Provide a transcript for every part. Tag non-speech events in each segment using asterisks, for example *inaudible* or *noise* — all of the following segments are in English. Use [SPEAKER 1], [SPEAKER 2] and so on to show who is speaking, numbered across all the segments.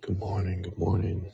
[SPEAKER 1] Good morning. Good morning.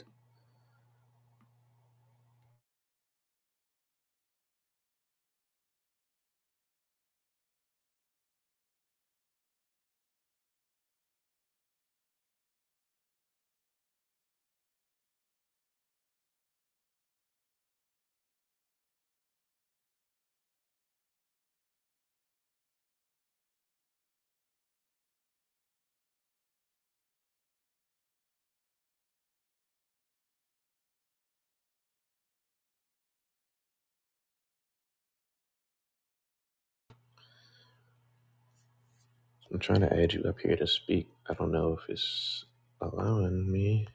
[SPEAKER 1] I'm trying to add you up here to speak. I don't know if it's allowing me.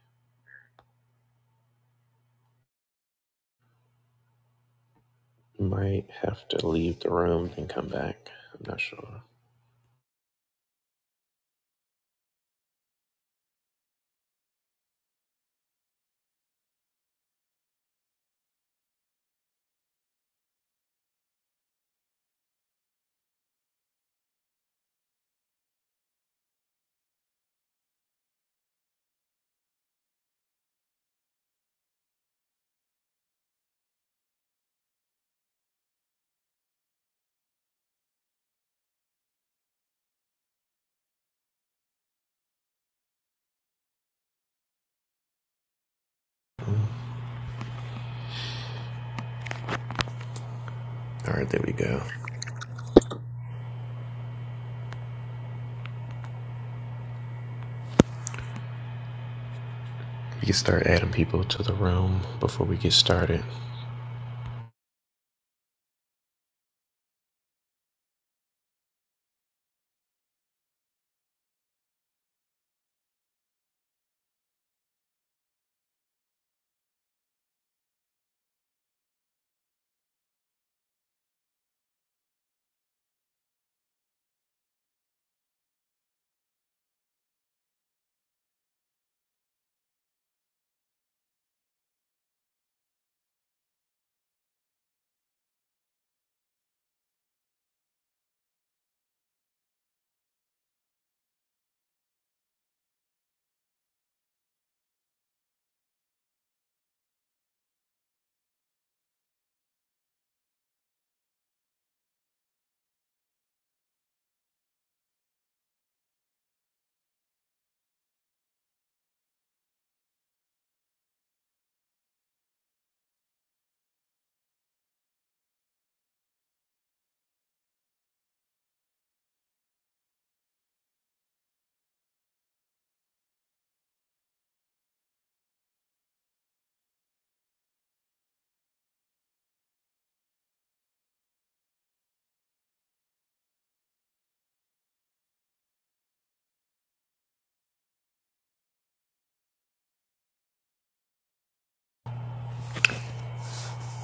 [SPEAKER 1] Might have to leave the room and come back. I'm not sure. All right, there we go. We can start adding people to the room before we get started.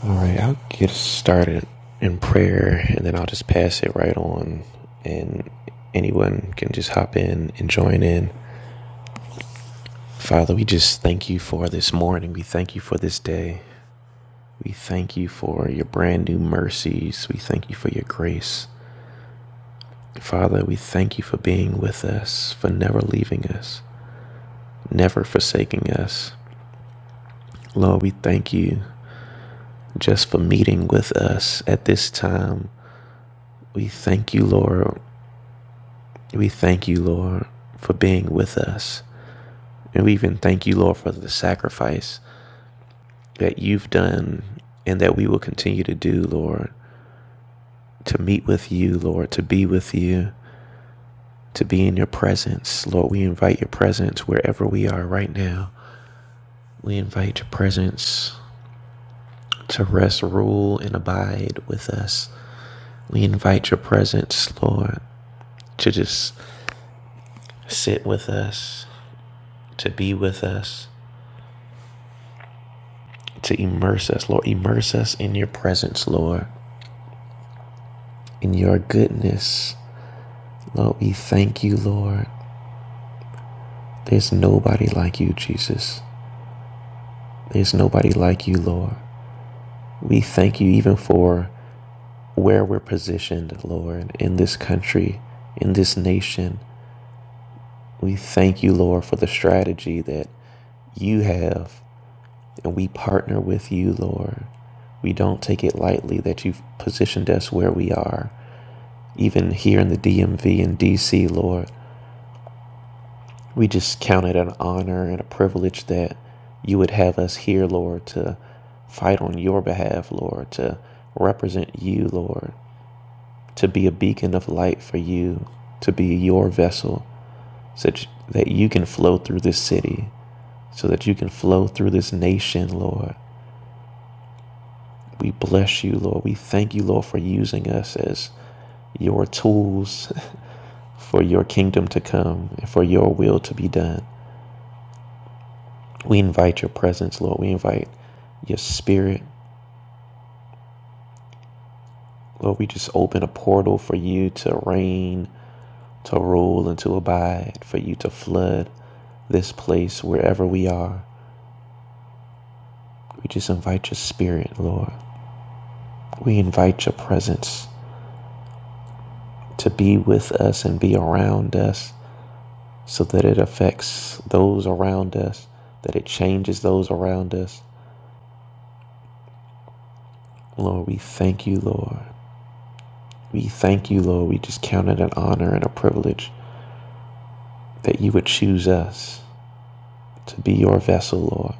[SPEAKER 1] All right, I'll get started in prayer and then I'll just pass it right on and anyone can just hop in and join in. Father, we just thank you for this morning. We thank you for this day. We thank you for your brand new mercies. We thank you for your grace. Father, we thank you for being with us, for never leaving us, never forsaking us. Lord, we thank you just for meeting with us at this time. We thank you, Lord. We thank you, Lord, for being with us. And we even thank you, Lord, for the sacrifice that you've done and that we will continue to do, Lord, to meet with you, Lord, to be with you. to be in your presence. Lord, we invite your presence wherever we are right now. We invite your presence to rest, rule, and abide with us. We invite your presence, Lord, to just sit with us, to be with us, to immerse us, Lord. Immerse us in your presence, Lord, in your goodness. Lord, we thank you, Lord. There's nobody like you, Jesus. There's nobody like you, Lord. We thank you even for where we're positioned, Lord, in this country, in this nation. We thank you, Lord, for the strategy that you have, and we partner with you, Lord. We don't take it lightly that you've positioned us where we are, even here in the DMV and DC, Lord. We just count it an honor and a privilege that you would have us here, Lord, to fight on your behalf, Lord, to represent you, Lord. to be a beacon of light for you, to be your vessel, such that you can flow through this city, so that you can flow through this nation, Lord. We bless you, Lord. We thank you, Lord, for using us as your tools *laughs* for your kingdom to come and for your will to be done. We invite your presence, Lord. We invite your spirit. Lord, we just open a portal for you to reign, to rule, and to abide, for you to flood this place wherever we are. We just invite your spirit, Lord. We invite your presence to be with us and be around us so that it affects those around us, that it changes those around us. Lord, we thank you, Lord. We thank you, Lord. We just count it an honor and a privilege that you would choose us to be your vessel, Lord.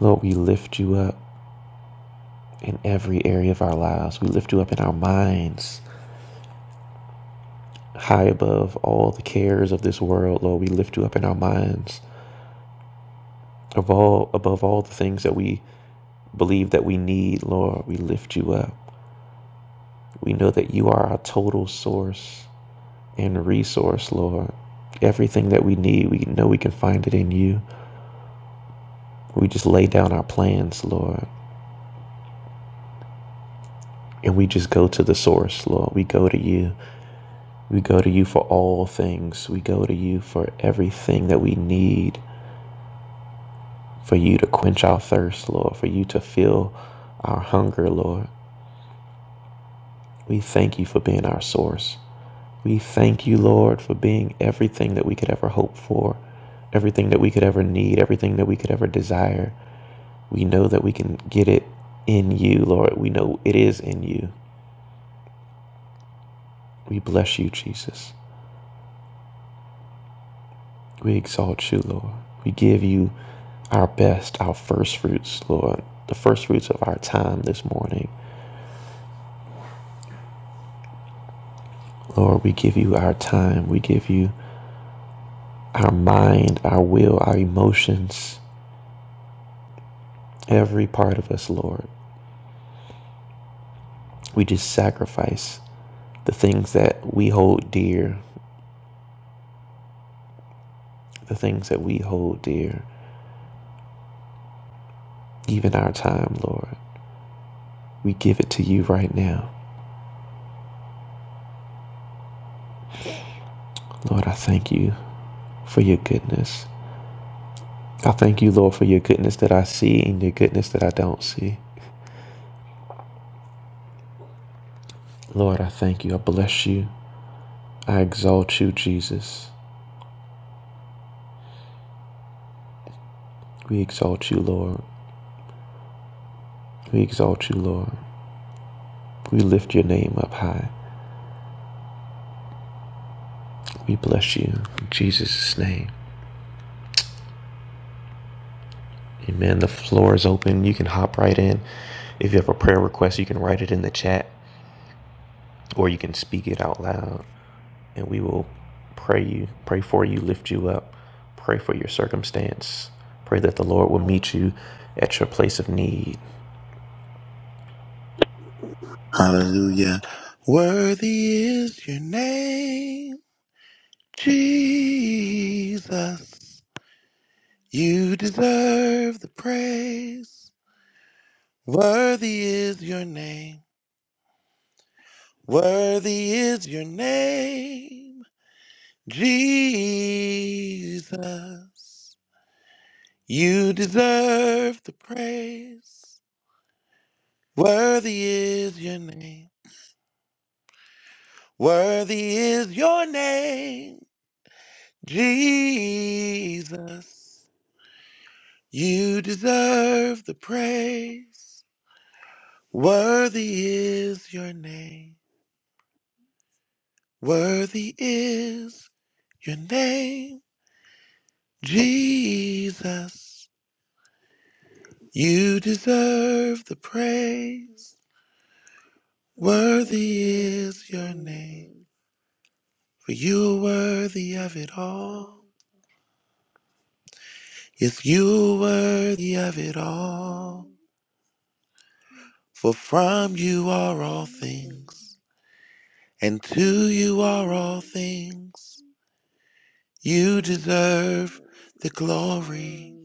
[SPEAKER 1] Lord, we lift you up in every area of our lives. We lift you up in our minds, high above all the cares of this world, Lord. We lift you up in our minds. Of all, above all the things that we believe that we need, Lord, we lift you up. We know that you are our total source and resource, Lord. Everything that we need, we know we can find it in you. We just lay down our plans, Lord, and we just go to the source, Lord. We go to you. We go to you for all things. We go to you for everything that we need, for you to quench our thirst, Lord, for you to fill our hunger, Lord. We thank you for being our source. We thank you, Lord, for being everything that we could ever hope for, everything that we could ever need, everything that we could ever desire. We know that we can get it in you, Lord. We know it is in you. We bless you, Jesus. We exalt you, Lord. We give you our best, our first fruits, Lord, the first fruits of our time this morning. Lord, we give you our time. We give you our mind, our will, our emotions, every part of us, Lord. We just sacrifice the things that we hold dear, the things that we hold dear, even our time, Lord. We give it to you right now. Lord, I thank you for your goodness. I thank you, Lord, for your goodness that I see and your goodness that I don't see. Lord, I thank you. I bless you. I exalt you, Jesus. We exalt you, Lord. We exalt you, Lord. We lift your name up high. We bless you in Jesus' name. Amen. The floor is open. You can hop right in. If you have a prayer request, you can write it in the chat or you can speak it out loud and we will pray you, pray for you, lift you up, pray for your circumstance. Pray that the Lord will meet you at your place of need.
[SPEAKER 2] Hallelujah. Worthy is your name, Jesus. You deserve the praise. Worthy is your name. Worthy is your name, Jesus. You deserve the praise. Worthy is your name. Worthy is your name, Jesus. You deserve the praise. Worthy is your name. Worthy is your name, Jesus. You deserve the praise. Worthy is your name. For you are worthy of it all. Yes, you are worthy of it all. For from you are all things, and to you are all things. You deserve the glory.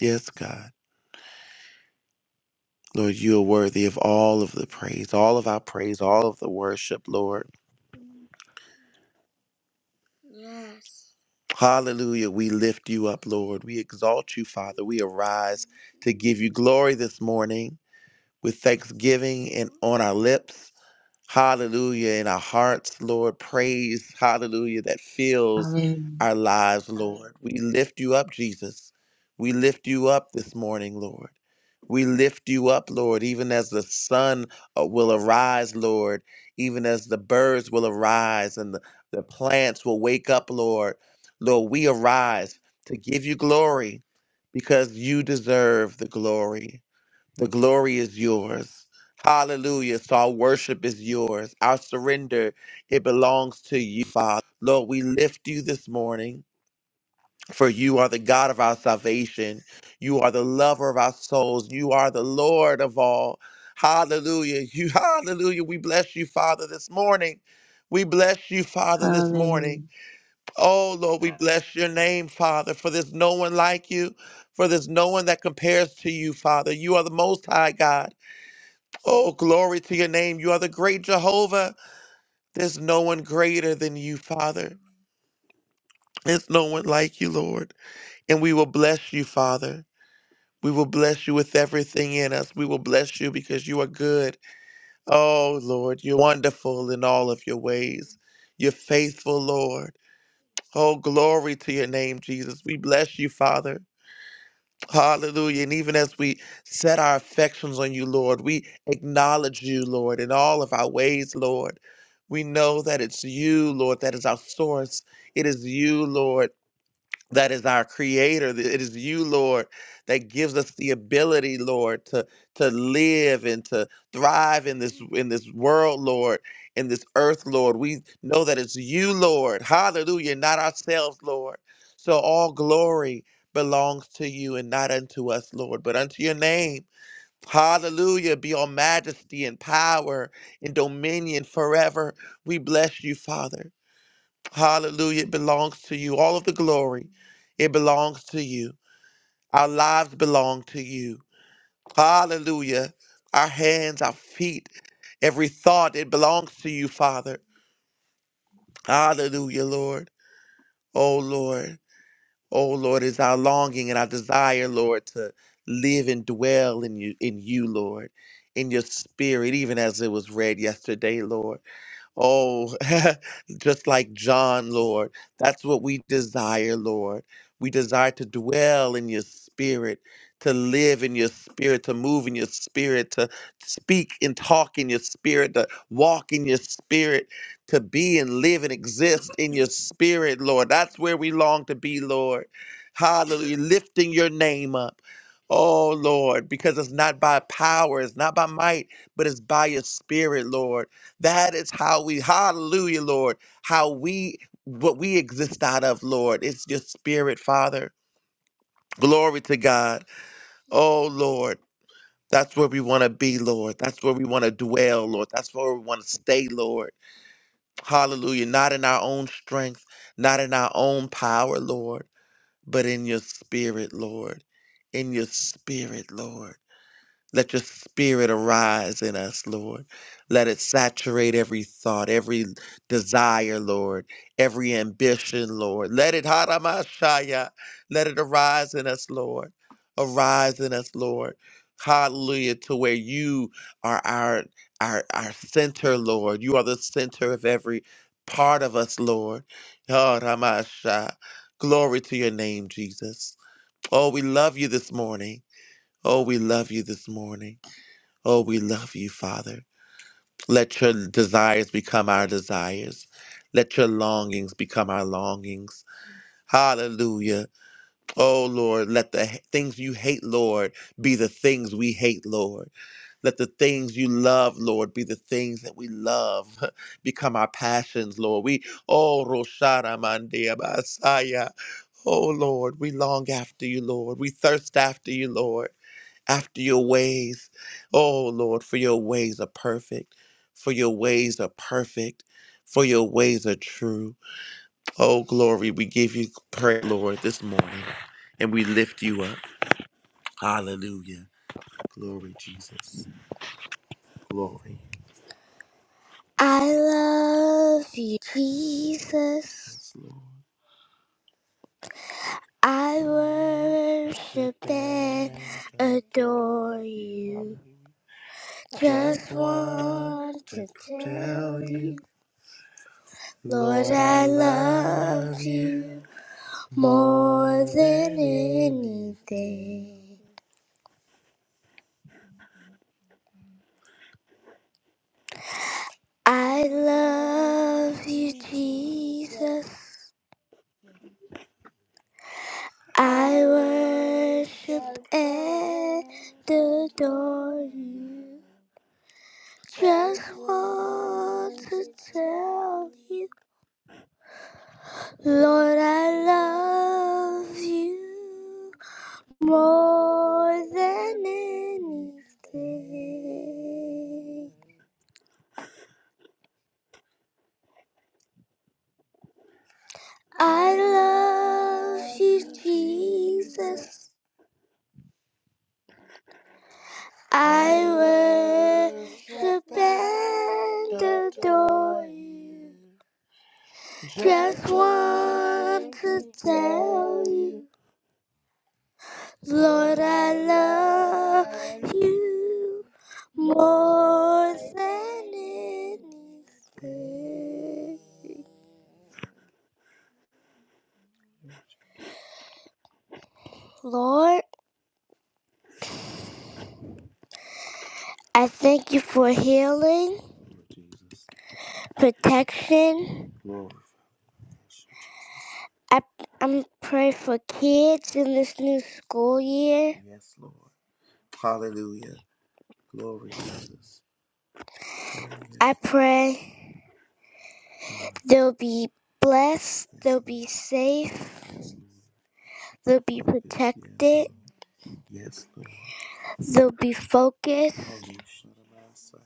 [SPEAKER 2] Yes, God. Lord, you are worthy of all of the praise, all of our praise, all of the worship, Lord. Hallelujah. We lift you up, Lord. We exalt you, Father. We arise to give you glory this morning with thanksgiving and on our lips. Hallelujah. In our hearts, Lord, praise, hallelujah, that fills
[SPEAKER 3] Hallelujah.
[SPEAKER 2] our lives, Lord. We lift you up, Jesus. We lift you up this morning, Lord. We lift you up, Lord, even as the sun uh, will arise, Lord, even as the birds will arise and the, the plants will wake up, Lord. Lord, we arise to give you glory because you deserve the glory. The glory is yours. Hallelujah. So our worship is yours. Our surrender, it belongs to you, Father. Lord, we lift you this morning, for you are the God of our salvation. You are the lover of our souls. You are the Lord of all. Hallelujah. *laughs* You hallelujah. We bless you, Father, this morning. We bless you, Father, this morning.
[SPEAKER 3] Hallelujah.
[SPEAKER 2] Oh Lord, we bless your name, Father, for there's no one like you, for there's no one that compares to you, Father. You are the most high God. Oh, glory to your name. You are the great Jehovah. There's no one greater than you, Father. There's no one like you, Lord. And we will bless you, Father. We will bless you with everything in us. We will bless you because you are good. Oh, Lord, you're wonderful in all of your ways. You're faithful, Lord. Oh, glory to your name, Jesus. We bless you, Father. Hallelujah. And even as we set our affections on you, Lord, we acknowledge you, Lord, in all of our ways, Lord. We know that it's you, Lord, that is our source. It is you, Lord that is our creator that it is you lord that gives us the ability lord to to live and to thrive in this in this world lord in this earth lord we know that it's you lord hallelujah not ourselves lord so all glory belongs to you and not unto us lord but unto your name Hallelujah. Be all majesty and power and dominion forever. We bless you, Father. Hallelujah. It belongs to you. All of the glory, it belongs to you. Our lives belong to you. Hallelujah. Our hands, our feet, every thought, it belongs to you, Father. Hallelujah, Lord. Oh, Lord. Oh, Lord, is our longing and our desire, Lord, to live and dwell in you, in you, Lord, in your spirit, even as it was read yesterday, Lord. Oh, *laughs* just like John, Lord. That's what we desire, Lord. We desire to dwell in your spirit, to live in your spirit, to move in your spirit, to speak and talk in your spirit, to walk in your spirit, to be and live and exist in your spirit, Lord. That's where we long to be, Lord. Hallelujah. Lifting your name up. Oh, Lord, because it's not by power, it's not by might, but it's by your spirit, Lord. That is how we, hallelujah, Lord, how we, what we exist out of, Lord. It's your spirit, Father. Glory to God. Oh, Lord, that's where we want to be, Lord. That's where we want to dwell, Lord. That's where we want to stay, Lord. Hallelujah. Not in our own strength, not in our own power, Lord, but in your spirit, Lord. In your spirit, Lord. Let your spirit arise in us, Lord. Let it saturate every thought, every desire, Lord, every ambition, Lord. Let it haramashaya. Let it arise in us, Lord. Arise in us, Lord. Hallelujah, to where you are our our our center, Lord. You are the center of every part of us, Lord. Haramasha. Glory to your name, Jesus. Oh, we love you this morning. Oh, we love you this morning. Oh, we love you, Father. Let your desires become our desires. Let your longings become our longings. Hallelujah. Oh, Lord, let the h- things you hate, Lord, be the things we hate, Lord. Let the things you love, Lord, be the things that we love, *laughs* become our passions, Lord. We, oh, Roshara Mandia Basaya. Oh, Lord, we long after you, Lord. We thirst after you, Lord after your ways. Oh Lord, for your ways are perfect, for your ways are perfect, for your ways are true. Oh glory, we give you praise, Lord, this morning, and we lift you up. Hallelujah. Glory, Jesus. Glory. I love you, Jesus. Yes, Lord. I worship and adore you. Just want to tell you. Lord, I love you more than anything. I love you, Jesus. I worship and adore you. Just want to tell you, Lord, I love you more than anything. I love you, Jesus. I worship and adore you. Just want to tell you, Lord, I love you more than anything. Lord, I thank you for healing, protection, I I'm pray for kids in this new school year. Yes, Lord. Hallelujah. Glory, Jesus. I Yes, pray they'll be blessed, yes, they'll Lord. be safe, they'll be Yes, yes, protected, Yes, Lord. they'll be Oh, focused. Oh, you shut up, I say,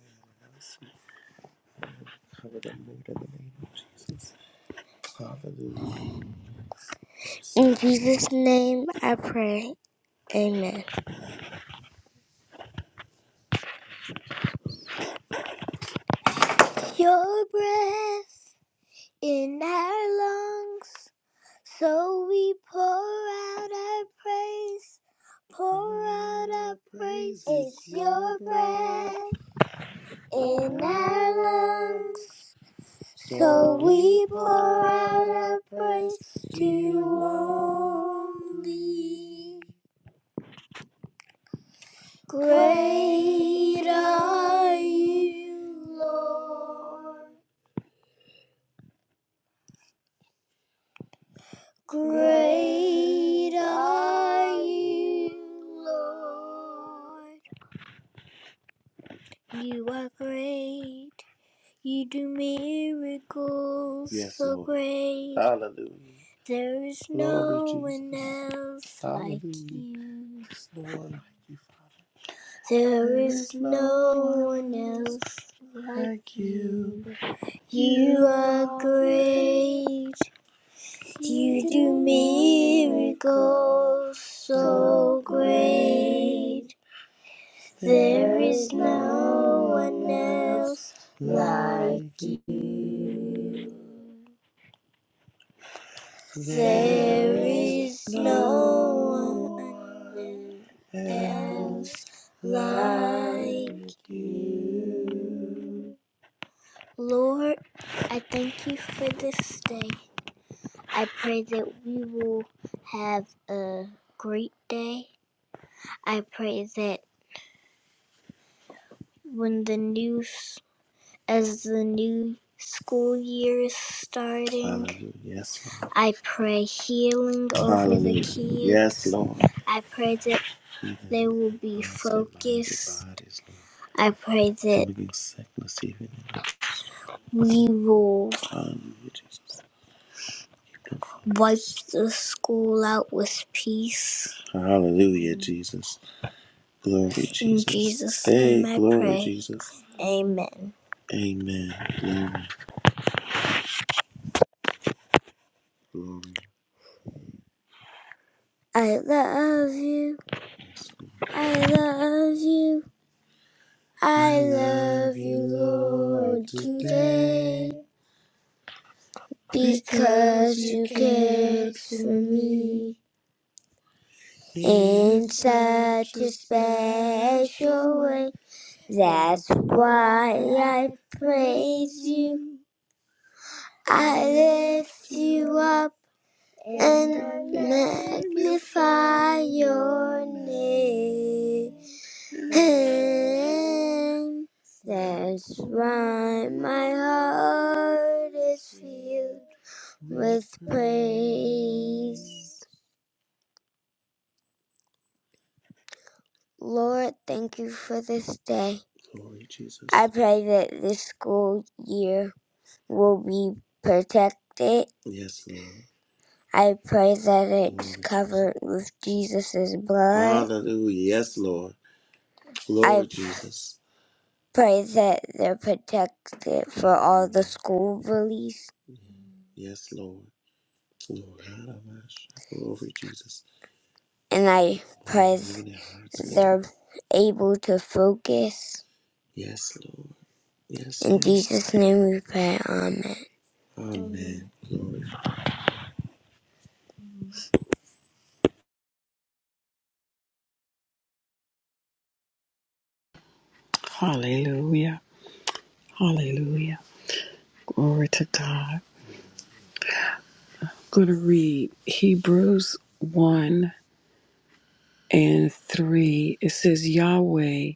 [SPEAKER 2] I see. Cover them, Lord, in the name of Jesus. Hallelujah. In Jesus' name I pray. Amen. Your breath in our lungs. So we pour out our praise, pour out our praise. It's your breath in our lungs. So we pour out our praise to you only. Great are you, Lord. Great are you, Lord. You are great. You do miracles yes, so Lord. great. Hallelujah. There is Glory, no one else Hallelujah. like you. There's no one like you, Father. There there is There's no no one else like like you. You are great. You do miracles so so great. There is no one else like you. There is no one else like you. Lord, I thank you for this day. I pray that we will have a great day. I pray that when the news as the new school year is starting. Hallelujah. Yes, Lord. I pray healing over Hallelujah. the kids. Yes, Lord. I pray that Hallelujah. they will be Yes, their their focused. bodies, Lord. I pray that sickness even. we will Hallelujah, Jesus. wipe the school out with peace. Hallelujah, Jesus. Glory, Jesus. In Jesus' Jesus' hey, I glory, pray. Jesus. Amen. Amen. Glory, glory. I love you. I love you. I love you, Lord, today because you cared for me in such a special way. That's why I praise you. I lift you up. and magnify your name. That's why my heart is filled with praise. Lord, thank you for this day. Glory, Jesus. I pray that this school year will be protected Yes, Lord. I pray that it's covered with Jesus' blood. Hallelujah. Yes, Lord. I Glory, I Jesus. pray that they're protected for all the school bullies. Yes, Lord. Lord, Hallelujah, mercy. Glory, Jesus. And I pray Hallelujah. they're able to focus. Yes, Lord. Yes, In Lord. In Jesus' name we pray, amen. Amen.
[SPEAKER 4] Hallelujah. Hallelujah. Glory to God. I'm going to read Hebrews 1 and 3. It says, Yahweh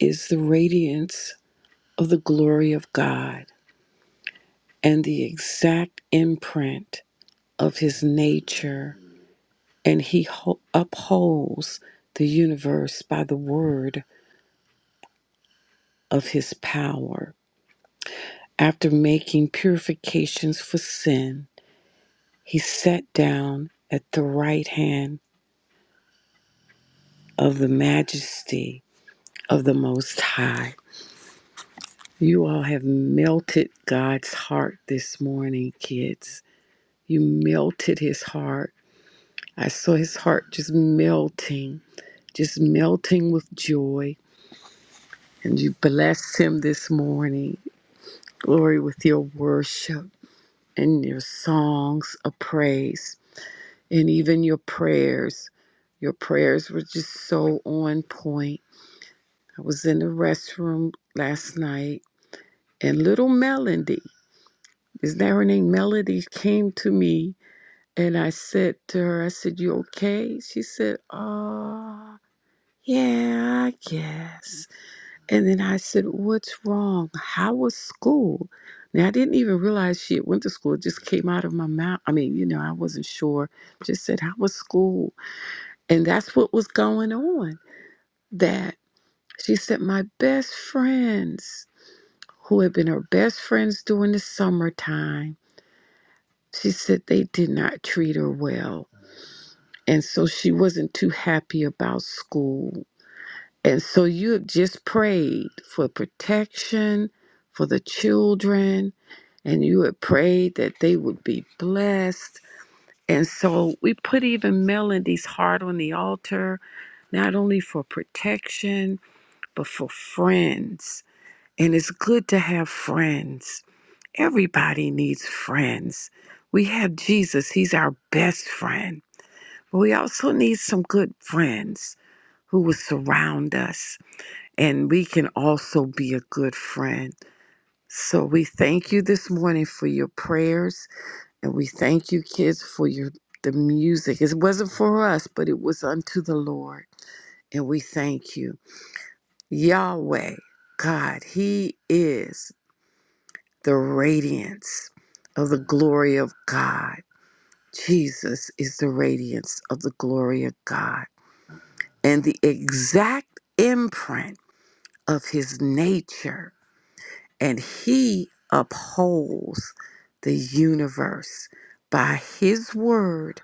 [SPEAKER 4] is the radiance of the glory of God and the exact imprint of his nature, and he ho- upholds the universe by the word of his power. After making purifications for sin, he sat down at the right hand of the majesty of the Most High. You all have melted God's heart this morning, kids. You melted his heart. I saw his heart just melting, just melting with joy. And you blessed him this morning, glory, with your worship and your songs of praise and even your prayers. Your prayers were just so on point. I was in the restroom last night And little Melody, is that her name? Melody came to me and I said to her, I said, You okay? She said, Oh, yeah, I guess. And then I said, What's wrong? How was school? Now, I didn't even realize she had went to school. It just came out of my mouth. I mean, you know, I wasn't sure. Just said, How was school? And that's what was going on. That she said, My best friends, who had been her best friends during the summertime, She said they did not treat her well. And so she wasn't too happy about school. And so you have just prayed for protection for the children, and you had prayed that they would be blessed. And so we put even Melody's heart on the altar, not only for protection, but for friends. And it's good to have friends. Everybody needs friends. We have Jesus, He's our best friend. But we also need some good friends who will surround us, and we can also be a good friend. So we thank you this morning for your prayers, and we thank you, kids, for your the music. It wasn't for us, but it was unto the Lord, and we thank you, Yahweh, God. He is the radiance of the glory of God. Jesus is the radiance of the glory of God. and the exact imprint of his nature. And he upholds the universe by his word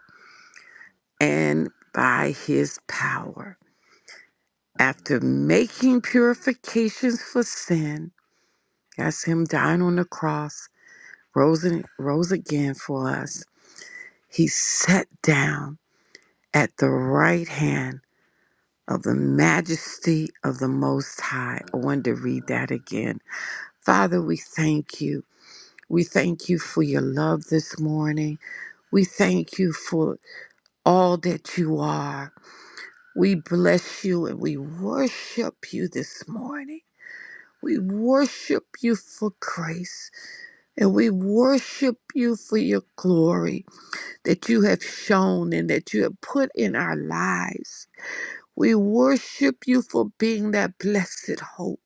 [SPEAKER 4] and by his power. After making purifications for sin, that's him dying on the cross, rose, in- rose again for us. He sat down at the right hand of the majesty of the Most High. I wanted to read that again Father, we thank you. We thank you for your love this morning. We thank you for all that you are. We bless you and we worship you this morning. We worship you for grace and we worship you for your glory that you have shown and that you have put in our lives. We worship you for being that blessed hope,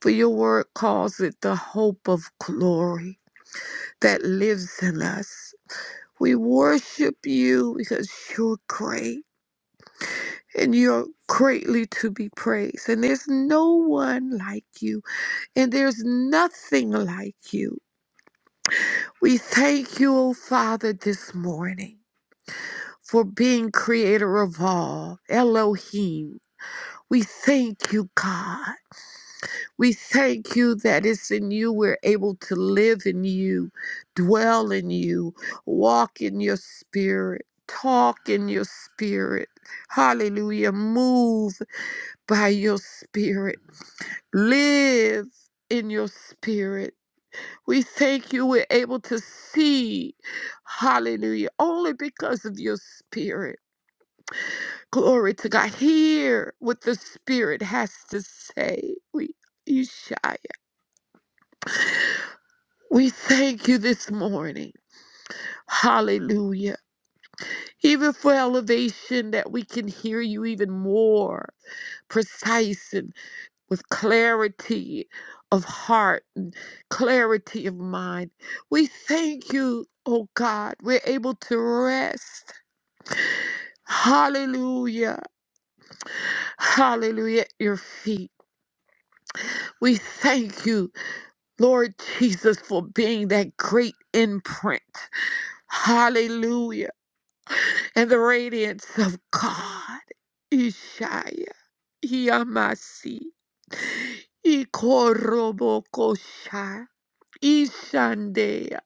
[SPEAKER 4] for your word calls it the hope of glory. that lives in us. We worship you because you're great and you're greatly to be praised. And there's no one like you, and there's nothing like you. We thank you, O Father, this morning for being creator of all, Elohim. We thank you, God. We thank you that it's in you we're able to live in you, dwell in you, walk in your spirit, talk in your spirit. Hallelujah. Move by your spirit, live in your spirit. We thank you we're able to see. Hallelujah. Only because of your spirit. Glory to God. Hear what the spirit has to say. We We thank you this morning. Hallelujah. Even for elevation, that we can hear you even more precise and with clarity of heart and clarity of mind. We thank you, oh God. We're able to rest. Hallelujah. Hallelujah. At your feet. We thank you, Lord Jesus, for being that great imprint. Hallelujah and the radiance of God. Ishaya Yamasi Ikorobokosha Ishandea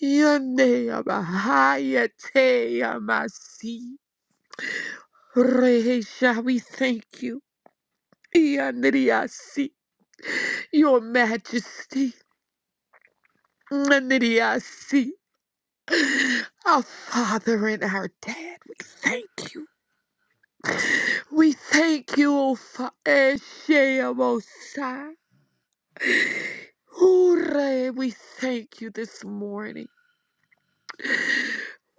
[SPEAKER 4] Yandea Bahayate Yamasi Rehisha, we thank you. Yandriasi, your majesty. Nandriasi, our father and our dad, we thank you. We thank you, O Father. Hooray, we thank you this morning.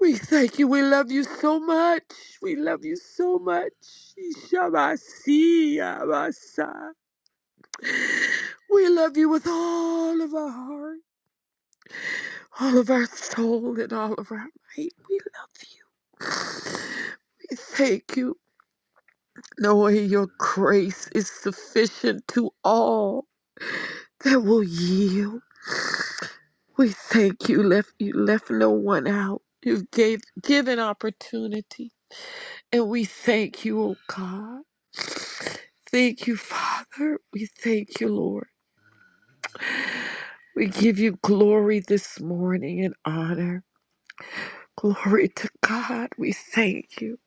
[SPEAKER 4] We thank you. We love you so much. We love you so much. Ishamasiya basa. We love you with all of our heart, all of our soul, and all of our might. We love you. We thank you, knowing your grace is sufficient to all. that will yield. We thank you, left you left no one out. You gave given opportunity. And we thank you, oh God. Thank you, Father. We thank you, Lord. We give you glory this morning and honor. Glory to God. We thank you.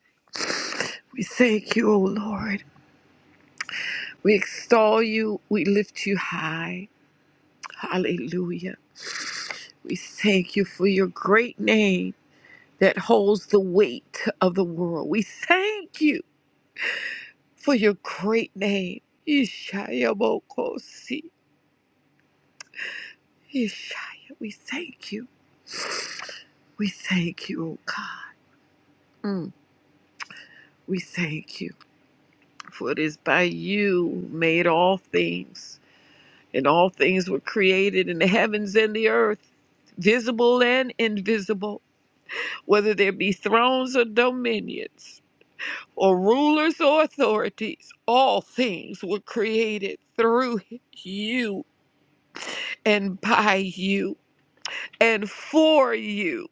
[SPEAKER 4] We thank you, O Lord. We extol you. We lift you high. Hallelujah. We thank you for your great name. that holds the weight of the world. We thank you for your great name. Ishaya Bokosi. Ishaya. We thank you. We thank you, O God. Mm. We thank you. For it is by you made all things, and all things were created in the heavens and the earth visible and invisible, whether there be thrones or dominions. or rulers or authorities, all things were created through you and by you and for you.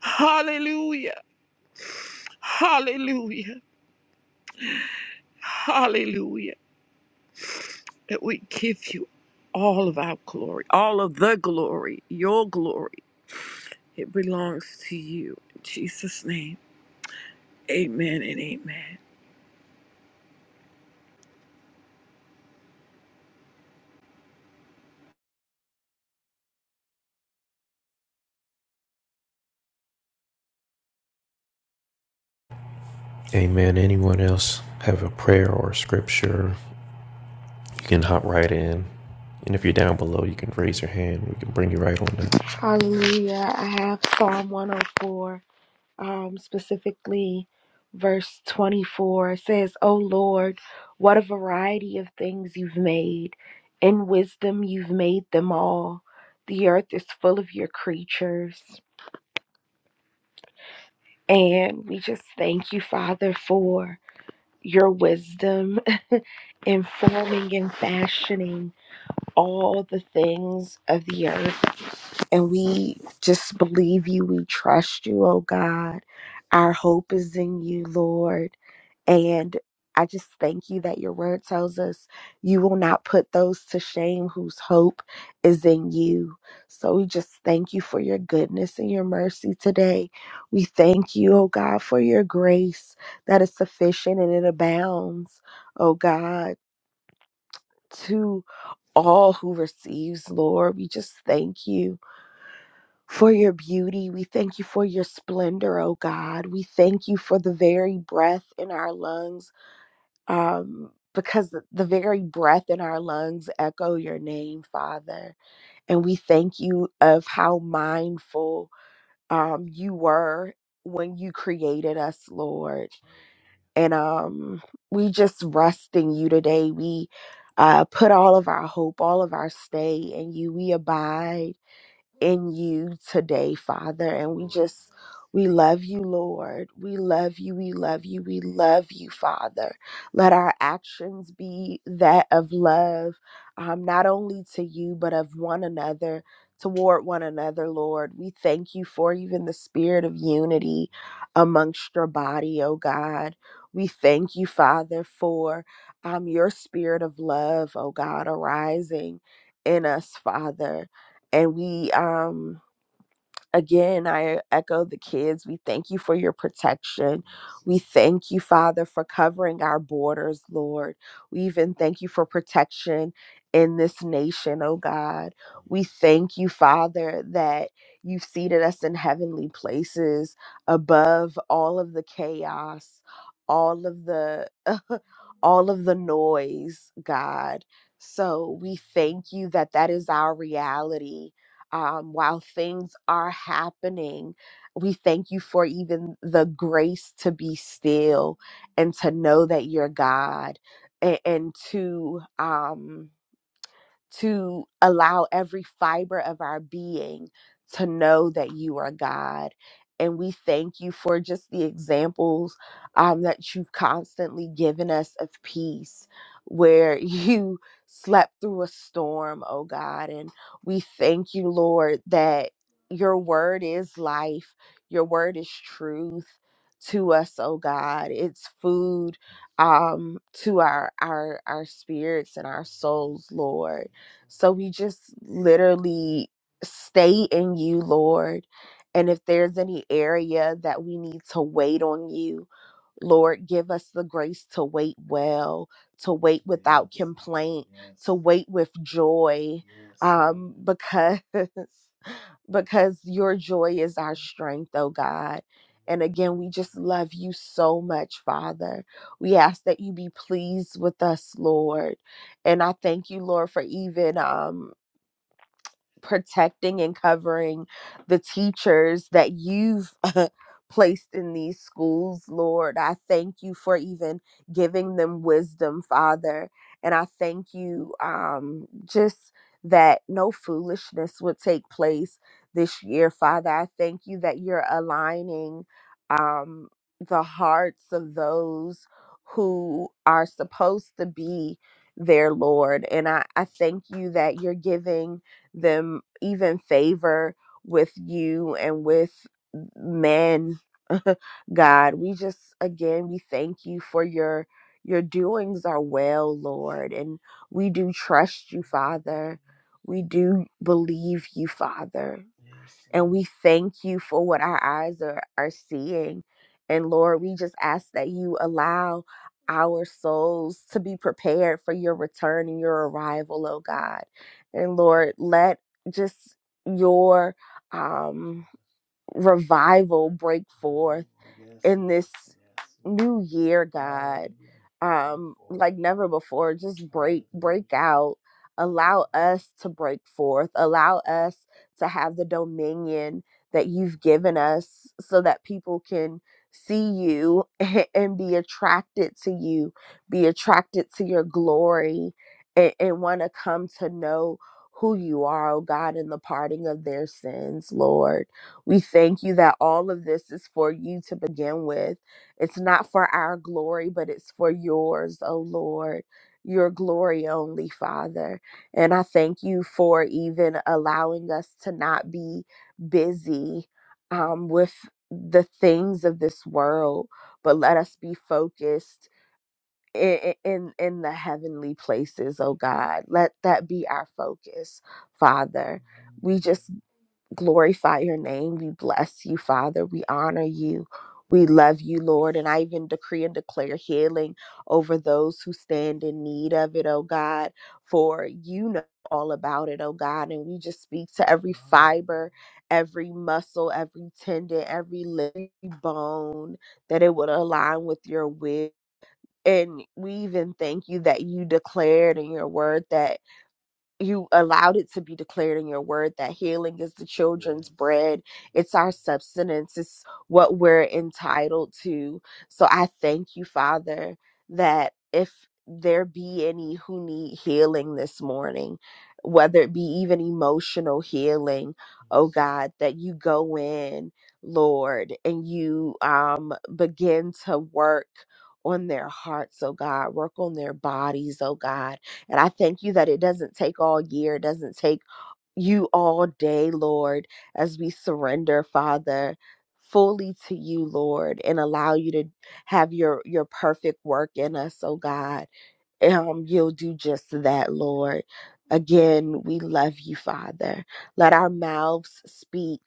[SPEAKER 4] Hallelujah. Hallelujah. Hallelujah. That we give you all of our glory, all of the glory, your glory. It belongs to you. In Jesus' name, amen and amen.
[SPEAKER 1] Amen. Anyone else have a prayer or a scripture? You can hop right in. And if you're down below, you can raise your hand. We can bring you right on
[SPEAKER 5] Hallelujah. I have Psalm 104, um, specifically verse 24. It says, "O Lord, what a variety of things you've made. In wisdom, you've made them all. The earth is full of your creatures. And we just thank you, Father, for your wisdom *laughs* in forming and fashioning all the things of the earth. And we just believe you. We trust you, oh God. Our hope is in you, Lord. And I just thank you that your word tells us you will not put those to shame whose hope is in you. So we just thank you for your goodness and your mercy today. We thank you, oh God, for your grace that is sufficient and it abounds, oh God, to all who receives, Lord. We just thank you for your beauty. We thank you for your splendor, oh God. We thank you for the very breath in our lungs, um, because the the very breath in our lungs echo your name, Father. And we thank you of how mindful um, you were when you created us, Lord. And um, we just rest in you today. We uh, put all of our hope, all of our stay in you. We abide in you today, Father. And we just, we love you, Lord. We love you. We love you. We love you, Father. Let our actions be that of love, um, not only to you, but of one another, toward one another, Lord. We thank you for even the spirit of unity amongst your body, oh God. We thank you, Father, for um, your spirit of love, oh God, arising in us, Father and we um again i echo the kids we thank you for your protection we thank you father for covering our borders lord we even thank you for protection in this nation oh god we thank you father that you've seated us in heavenly places above all of the chaos all of the *laughs* all of the noise god so we thank you that that is our reality um, while things are happening. We thank you for even the grace to be still and to know that you're God and, and to. Um, to allow every fiber of our being to know that you are God. And we thank you for just the examples um, that you've constantly given us of peace, where *laughs* you slept through a storm, oh God. And we thank you, Lord, that your word is life, your word is truth to us, oh God. It's food um to our our our spirits and our souls lord so we just literally stay in you, Lord. And if there's any area that we need to wait on you, Lord, give us the grace to wait well, to wait without Yes. complaint, Yes. to Yes. wait with joy, Yes. um, because *laughs* because your joy is our strength, oh God. And again, we just love you so much, Father. We ask that you be pleased with us, Lord. And I thank you, Lord, for even um, protecting and covering the teachers that you've *laughs* placed in these schools, Lord. I thank you for even giving them wisdom, Father. And I thank you um, just that no foolishness would take place this year, Father. I thank you that you're aligning um, the hearts of those who are supposed to be there, Lord. And I, I thank you that you're giving them even favor with you and with men *laughs* god we just again we thank you for your your doings are well lord and we do trust you father we do believe you father and we thank you for what our eyes are, are seeing. And Lord, we just ask that you allow our souls to be prepared for your return and your arrival, oh God. And Lord, let just your um revival break forth yes. in this yes. new year, God. Um, like never before. Just break break out. Allow us to break forth. Allow us to have the dominion that you've given us so that people can see you *laughs* and be attracted to you, be attracted to your glory and, and want to come to know who you are, oh God, in the parting of their sins, Lord. We thank you that all of this is for you to begin with. It's not for our glory, but it's for yours, O Lord, your glory only, Father. And I thank you for even allowing us to not be busy um, with the things of this world, but let us be focused. i- In, in the heavenly places, oh God, let that be our focus, Father. We just glorify your name. We bless you, Father. We honor you. We love you, Lord. And I even decree and declare healing over those who stand in need of it, oh God, for you know all about it, oh God. And we just speak to every fiber, every muscle, every tendon, every limb, every bone, that it would align with your will. And we even thank you that you declared in your word that you allowed it to be declared in your word that healing is the children's bread. It's our substance. It's what we're entitled to. So I thank you, Father, that if there be any who need healing this morning, whether it be even emotional healing, oh God, that you go in, Lord, and you um begin to work on their hearts, oh God, work on their bodies, oh God and I thank you that it doesn't take all year, it doesn't take you all day, Lord, as we surrender, Father, fully to you, Lord, and allow you to have your your perfect work in us, oh God um, you'll do just that, Lord. Again, we love you, Father. Let our mouths speak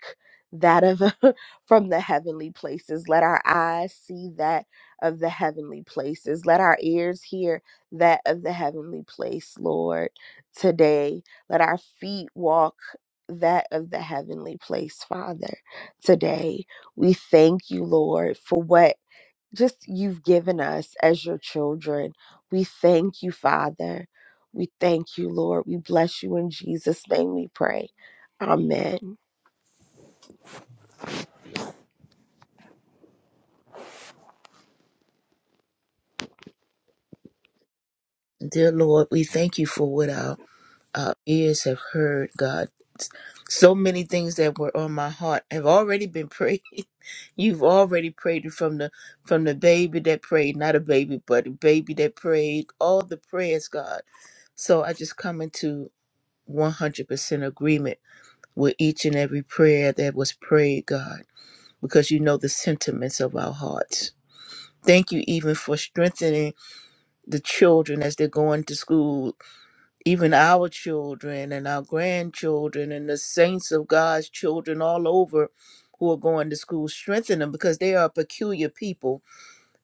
[SPEAKER 5] that of *laughs* from the heavenly places. Let our eyes see that of the heavenly places. Let our ears hear that of the heavenly place, Lord. Today, let our feet walk that of the heavenly place, Father. Today, we thank you, Lord, for what just you've given us as your children. We thank you, Father. We thank you, Lord. We bless you in Jesus' name we pray. Amen.
[SPEAKER 6] Dear Lord, we thank you for what our, our ears have heard, God. So many things that were on my heart have already been prayed. *laughs* You've already prayed it from the from the baby that prayed, not a baby, but a baby that prayed, all the prayers, God. So I just come into 100% agreement with each and every prayer that was prayed, God, because you know the sentiments of our hearts. Thank you even for strengthening the children as they're going to school even our children and our grandchildren and the saints of God's children all over who are going to school, strengthen them because they are a peculiar people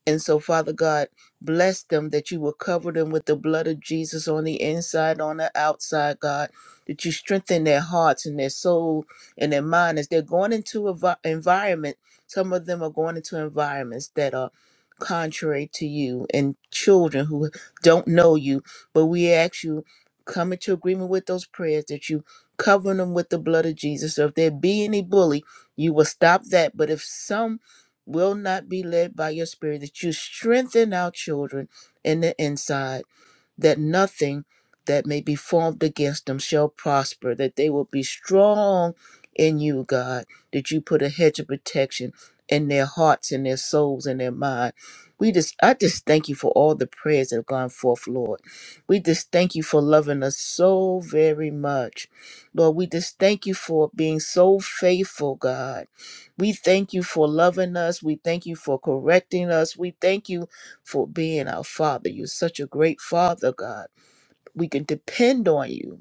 [SPEAKER 6] and so, Father God, bless them that you will cover them with the blood of Jesus on the inside, on the outside, God, that you strengthen their hearts and their soul and their mind as they're going into a vi- environment. Some of them are going into environments that are contrary to you and children who don't know you. But we ask you, come into agreement with those prayers that you cover them with the blood of Jesus. So if there be any bully, you will stop that. But if some will not be led by your spirit, that you strengthen our children in the inside that nothing that may be formed against them shall prosper, that they will be strong in you, God, that you put a hedge of protection in their hearts and their souls and their mind. We just I just thank you for all the prayers that have gone forth, Lord. We just thank you for loving us so very much. Lord, we just thank you for being so faithful, God. We thank you for loving us. We thank you for correcting us. We thank you for being our Father. You're such a great Father, God. We can depend on you.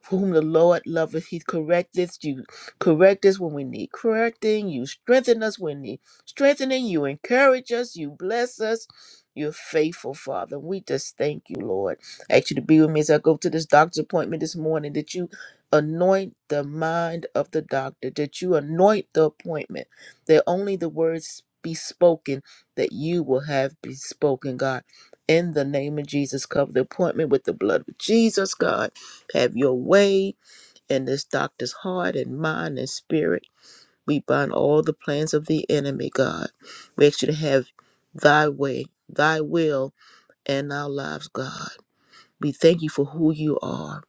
[SPEAKER 6] For whom the Lord loveth, He correcteth you. Correct us when we need correcting. You strengthen us when we need strengthening. You encourage us. You bless us. You're faithful, Father. We just thank you, Lord. I ask you to be with me as I go to this doctor's appointment this morning. That you anoint the mind of the doctor. That you anoint the appointment. That only the words be spoken that you will have be spoken, God. In the name of Jesus, cover the appointment with the blood of Jesus, God. Have your way in this doctor's heart and mind and spirit. We bind all the plans of the enemy, God. We ask you to have thy way, thy will in our lives, God. We thank you for who you are.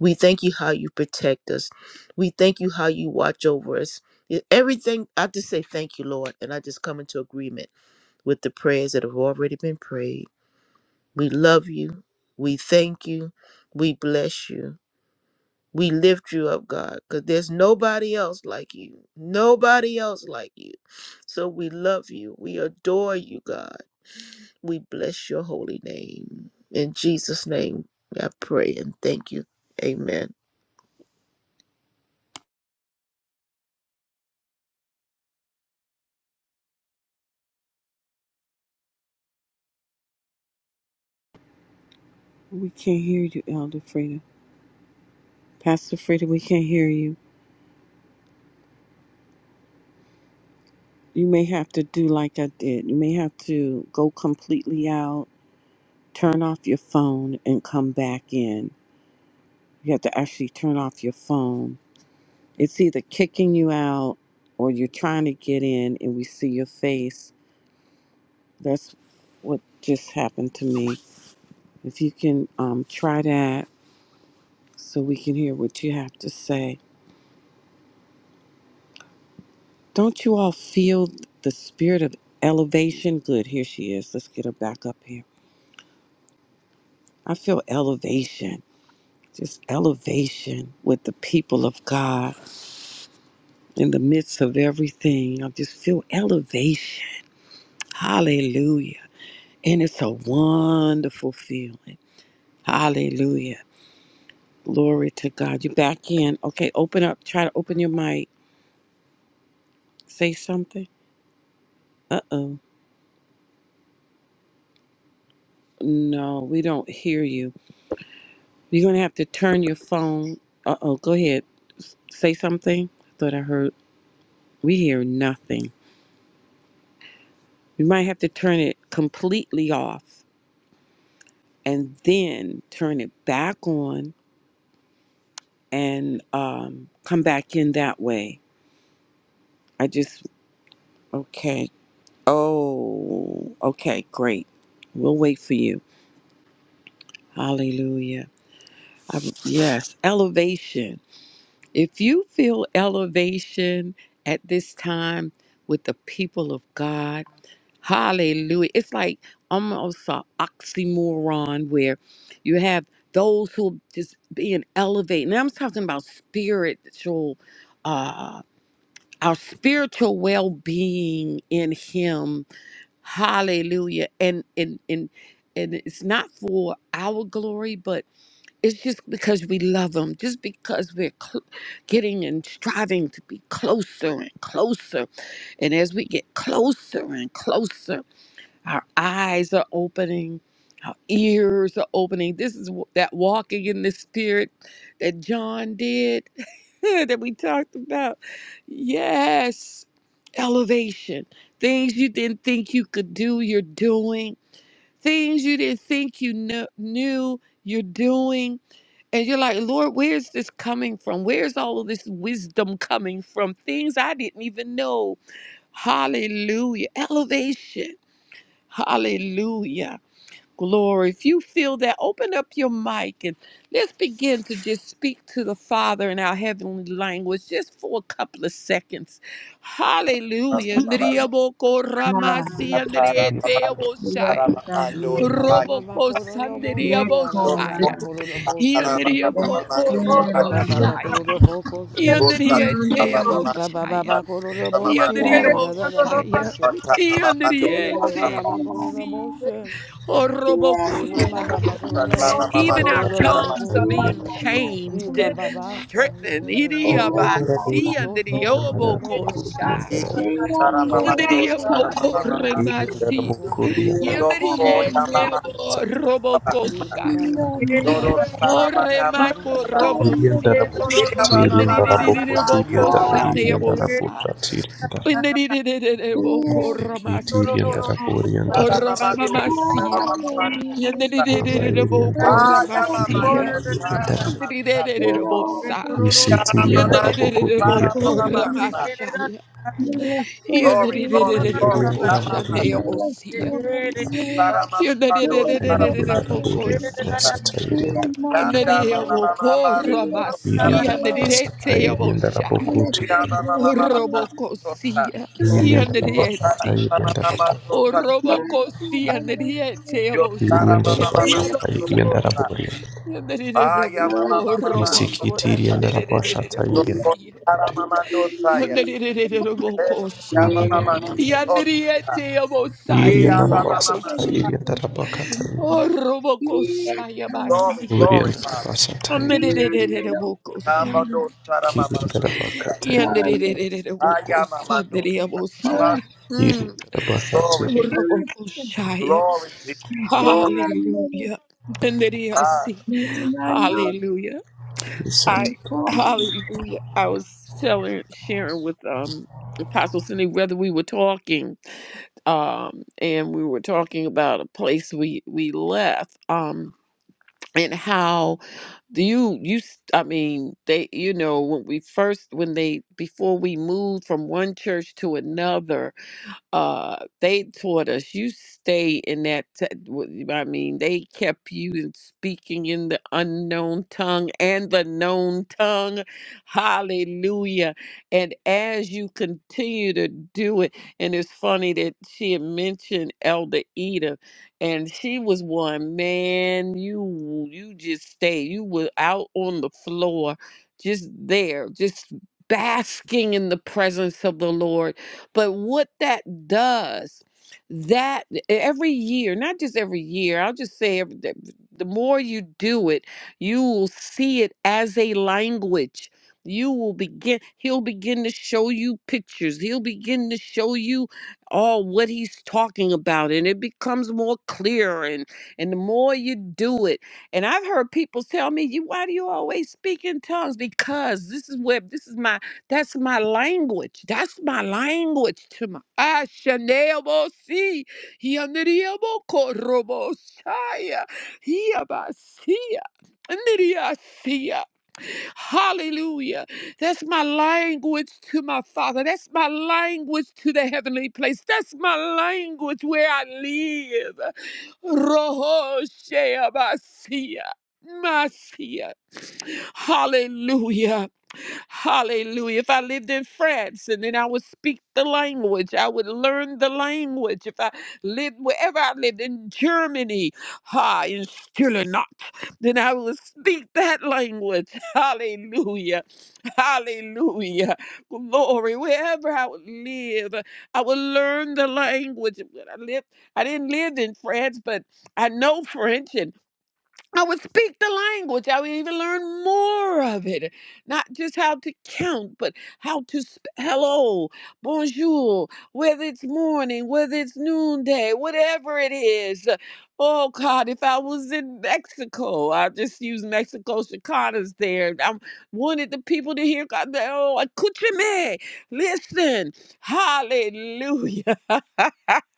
[SPEAKER 6] We thank you how you protect us. We thank you how you watch over us. E- Everything, I just say thank you, Lord. And I just come into agreement with the prayers that have already been prayed. We love you. We thank you. We bless you. We lift you up, God, because there's nobody else like you. Nobody else like you. So we love you. We adore you, God. We bless your holy name. In Jesus' name, I pray and thank you. Amen.
[SPEAKER 4] We can't hear you, Elder Freda. Pastor Freda, we can't hear you. You may have to do like I did. You may have to go completely out, turn off your phone, and come back in. You have to actually turn off your phone. It's either kicking you out or you're trying to get in and we see your face. That's what just happened to me. If you can um, try that so we can hear what you have to say. Don't you all feel the spirit of elevation? Good, here she is. Let's get her back up here. I feel elevation. just elevation with the people of God in the midst of everything. I just feel elevation. Hallelujah. And it's a wonderful feeling. Hallelujah. Glory to God. You back in. Okay, open up. Try to open your mic. Say something. Uh oh. No, we don't hear you. You're going to have to turn your phone. Uh oh. Go ahead. S- Say something. I thought I heard. We hear nothing. You might have to turn it completely off and then turn it back on and um, come back in that way. I just, okay. Oh, okay, great. We'll wait for you. Hallelujah. I, yes, elevation. If you feel elevation at this time with the people of God, hallelujah. It's like almost an oxymoron where you have those who are just being elevated. And I'm talking about spiritual, uh, our spiritual well being in Him. Hallelujah. And, and, and, and it's not for our glory, but it's just because we love Him, just because we're cl- getting and striving to be closer and closer. And as we get closer and closer, our eyes are opening, our ears are opening. This is w- that walking in the Spirit that John did, *laughs* that we talked about. Yes, elevation. Things you didn't think you could do, you're doing. Things you didn't think you kn- knew, you're doing and you're like, Lord, where's this coming from? Where's all of this wisdom coming from? Things I didn't even know. Hallelujah. Elevation. Hallelujah. Glory. If you feel that, open up your mic and let's begin to just speak to the Father in our heavenly language just for a couple of seconds. Hallelujah. Ndiriyabokoramasiya,
[SPEAKER 3] Hallelujah. Yes,
[SPEAKER 4] ndiriyeteyaboshaya,
[SPEAKER 7] E
[SPEAKER 3] Hallelujah.
[SPEAKER 7] ba
[SPEAKER 4] robokosandiriyabo-
[SPEAKER 3] Yekomana. Yes,
[SPEAKER 7] E
[SPEAKER 2] Glory.
[SPEAKER 3] Hallelujah.
[SPEAKER 4] Yandiriyabokoroboshaya.
[SPEAKER 2] Glory,
[SPEAKER 7] E
[SPEAKER 3] Hallelujah.
[SPEAKER 4] Yandiriyeteyabosaya.
[SPEAKER 3] Yes,
[SPEAKER 4] Yandiriyabosaya.
[SPEAKER 7] E
[SPEAKER 3] yes,
[SPEAKER 4] Yandiriyeteyabosaya.
[SPEAKER 7] E
[SPEAKER 4] Orobokoshaya.
[SPEAKER 7] so
[SPEAKER 4] Even our tongues are being
[SPEAKER 7] E
[SPEAKER 4] changed and
[SPEAKER 3] Hallelujah.
[SPEAKER 4] strengthened. Idiyabasi
[SPEAKER 7] So
[SPEAKER 4] yandiriyobokosha.
[SPEAKER 1] up.
[SPEAKER 7] E
[SPEAKER 1] Irian da
[SPEAKER 4] Yandiriyabokoremasi.
[SPEAKER 1] basa,
[SPEAKER 7] E
[SPEAKER 4] Yandiriyeteyaborobokoshaya. Horemako robosia.
[SPEAKER 7] E
[SPEAKER 1] Irian
[SPEAKER 6] *laughs*
[SPEAKER 4] Yendiriririririboko
[SPEAKER 6] Thank
[SPEAKER 3] Hallelujah.
[SPEAKER 4] shaneosa. Yendiriririririboko
[SPEAKER 3] Yes.
[SPEAKER 4] romasia. Oromamasia.
[SPEAKER 3] Hallelujah.
[SPEAKER 6] you.
[SPEAKER 4] Yendiriririririboko
[SPEAKER 3] Hallelujah.
[SPEAKER 4] ramasia.
[SPEAKER 3] Lord,
[SPEAKER 4] Yendiririririrbosa. Yendiriririririboko
[SPEAKER 3] hallelujah.
[SPEAKER 4] ramashaya.
[SPEAKER 3] Bless your holy
[SPEAKER 2] glory,
[SPEAKER 3] name.
[SPEAKER 4] Yendiriririririboko
[SPEAKER 2] glory.
[SPEAKER 3] Bless
[SPEAKER 4] shaneosia.
[SPEAKER 3] your holy name.
[SPEAKER 2] Para mama mando,
[SPEAKER 3] Bless
[SPEAKER 2] para
[SPEAKER 3] your
[SPEAKER 2] mama,
[SPEAKER 3] holy
[SPEAKER 4] Yendiriririririboko
[SPEAKER 3] name.
[SPEAKER 4] sia.
[SPEAKER 3] Be among
[SPEAKER 2] landa mama
[SPEAKER 3] Lord.
[SPEAKER 2] mama mama,
[SPEAKER 4] Nereyabokora
[SPEAKER 3] Be
[SPEAKER 2] para
[SPEAKER 3] among
[SPEAKER 4] masia
[SPEAKER 2] mama,
[SPEAKER 3] Lord.
[SPEAKER 1] da
[SPEAKER 4] nereteyaboshaya.
[SPEAKER 3] Bless
[SPEAKER 2] iya
[SPEAKER 3] your
[SPEAKER 1] rabokoti,
[SPEAKER 2] mama
[SPEAKER 3] holy
[SPEAKER 2] mama mama,
[SPEAKER 3] name.
[SPEAKER 2] dosa,
[SPEAKER 4] Robokosia
[SPEAKER 3] Bless
[SPEAKER 1] Iriandara
[SPEAKER 3] your,
[SPEAKER 2] dosa
[SPEAKER 1] Bashata
[SPEAKER 4] yaneriesi.
[SPEAKER 2] mama mama
[SPEAKER 1] Iriandara
[SPEAKER 2] mama, dosa,
[SPEAKER 3] bless your
[SPEAKER 4] Orobokosia
[SPEAKER 3] holy name.
[SPEAKER 2] yo para
[SPEAKER 1] Iriandara
[SPEAKER 4] nereteyaboshaya
[SPEAKER 2] mama mama
[SPEAKER 3] Bless
[SPEAKER 2] mama,
[SPEAKER 1] Bashata
[SPEAKER 3] your,
[SPEAKER 4] yabosa.
[SPEAKER 1] Iriandara
[SPEAKER 2] dosa,
[SPEAKER 1] Borian
[SPEAKER 2] ayah mama
[SPEAKER 3] bless
[SPEAKER 4] Yanerereboko
[SPEAKER 2] mama
[SPEAKER 3] your
[SPEAKER 2] mama,
[SPEAKER 1] Isikiti
[SPEAKER 4] robokora
[SPEAKER 1] Iriandara Bashata
[SPEAKER 3] holy
[SPEAKER 2] dosa,
[SPEAKER 3] name.
[SPEAKER 1] Iriandara
[SPEAKER 4] nererereremosia.
[SPEAKER 2] para
[SPEAKER 1] Kote
[SPEAKER 2] mama dosa
[SPEAKER 3] Be
[SPEAKER 2] ya,
[SPEAKER 3] among them. Ekomana,
[SPEAKER 2] iya mama
[SPEAKER 4] Yanerereremokoshaya.
[SPEAKER 2] mama,
[SPEAKER 1] Iriandara
[SPEAKER 2] dosa,
[SPEAKER 4] Yaneriyeteyabosaya
[SPEAKER 2] iya
[SPEAKER 1] Iriandara
[SPEAKER 2] mama mama,
[SPEAKER 1] Basata
[SPEAKER 4] yabosi.
[SPEAKER 1] Iriandara Bakata
[SPEAKER 4] Orobokoshaya
[SPEAKER 2] Glory,
[SPEAKER 4] masia.
[SPEAKER 2] glory,
[SPEAKER 1] Iriandara
[SPEAKER 2] Father.
[SPEAKER 1] Basata Iriandara
[SPEAKER 4] Yanerereremokoshaya.
[SPEAKER 2] Namando Saramama.
[SPEAKER 1] Kiriandara Bakata Iriandara
[SPEAKER 2] Ayamamando. Mama, ayah mama dosa, mama
[SPEAKER 4] Yandererererewokosandereyamosha. Mm.
[SPEAKER 1] Iriandara
[SPEAKER 2] glory,
[SPEAKER 1] Bakata
[SPEAKER 4] Orobokoshaya.
[SPEAKER 2] glory, Jesus. Glory.
[SPEAKER 4] Hallelujah. Andereyasi. Hallelujah.
[SPEAKER 1] Reset.
[SPEAKER 4] I hallelujah. I was telling sharing with um Apostle Cindy whether we were talking um and we were talking about a place we we left um and how do you you s- i mean they you know when we first when they before we moved from one church to another uh they taught us you stay in that t- w- i mean they kept you in speaking in the unknown tongue and the known tongue hallelujah and as you continue to do it and it's funny that she had mentioned elder Eda and she was one man you you just stay you were out on the floor just there just basking in the presence of the lord but what that does, that e, every year, not just every year, I'll just say every, the the more you do it, you will see it as a language. You will begin, he'll begin to show you pictures. He'll begin to show you all what he's talking about. And it becomes more clear. And, and the more you do it, and I've heard people tell me, "You why do you always speak in tongues?" Because this is where this is my that's my language. That's my language to my I see. Hallelujah. That's my language to my Father. That's my language to the heavenly place. That's my language where I live. Rohosheabasia. Masia. Hallelujah. Hallelujah. If I lived in France and then I would speak the language, I would learn the language. If I lived wherever I lived in Germany, ha, in still not, then I would speak that language. *laughs* Hallelujah. Hallelujah. Glory. Wherever I would live, I would learn the language. When I lived, I didn't live in France, but I know French and. I would speak the language. I would even learn more of it. Not just how to count, but how to sp- hello, bonjour, whether it's morning, whether it's noonday, whatever it is. Oh God, if I was in Mexico, I just use Mexico Chicanas there. I wanted the people to hear God. they- Oh, escúchame, listen, hallelujah. *laughs*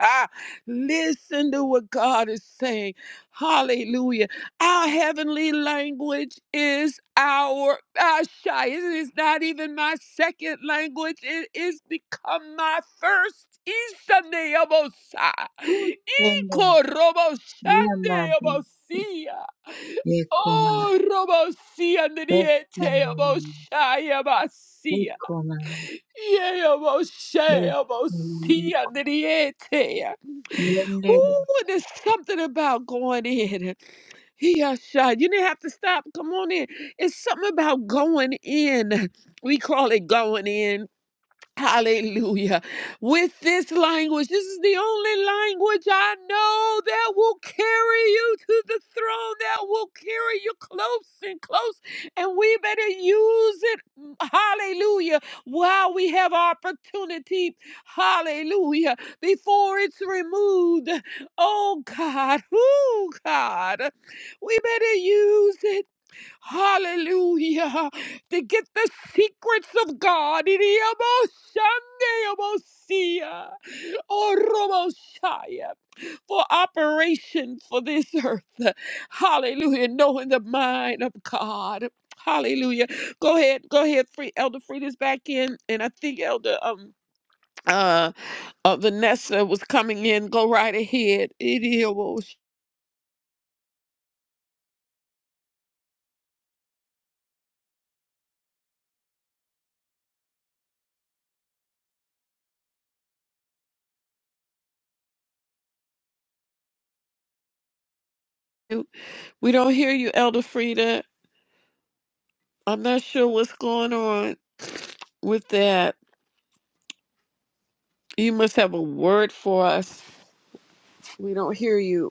[SPEAKER 4] *laughs* Listen to what God is saying. Hallelujah. Our heavenly language is our Ashai. It is not even my second language. It is become my first. Ishaneabosa. Ikorobosaneabosia. Oh, Robosia, Nidiete, Aboshaya, Basia. Yea-bo-shay-bo-see-a-nitty-etty. Ooh, there's something about going in. Yeah, you didn't have to stop. Come on in. It's something about going in. We call it going in. Hallelujah. With this language, this is the only language I know that will carry you to the throne, that will carry you close and close. And we better use it, mm, hallelujah, while we have opportunity, hallelujah, before it's removed. Oh God, *laughs* oh God, we better use it. Hallelujah. To get the secrets of God. Idiomoshandeomosia. Oromoshaya. For operation for this earth. Hallelujah. Knowing the mind of God. Hallelujah. Go ahead. Go ahead. Free Elder Frida's back in. And I think Elder um uh, uh Vanessa was coming in. Go right ahead. Idiomoshandeomosia. We don't hear you, Elder Frida. I'm not sure what's going on. with that, you must have a word for us. We don't hear you.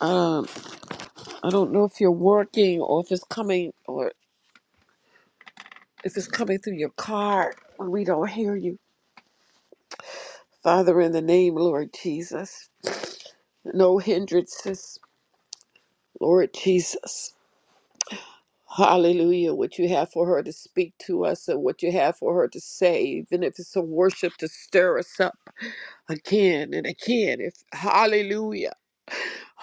[SPEAKER 4] Um, I don't know if you're working or if it's coming or if it's coming through your car. We don't hear you. Father, in the name, Lord Jesus, no hindrances, Lord Jesus. Hallelujah. What you have for her to speak to us and what you have for her to say, even if it's a worship to stir us up again and again. If hallelujah.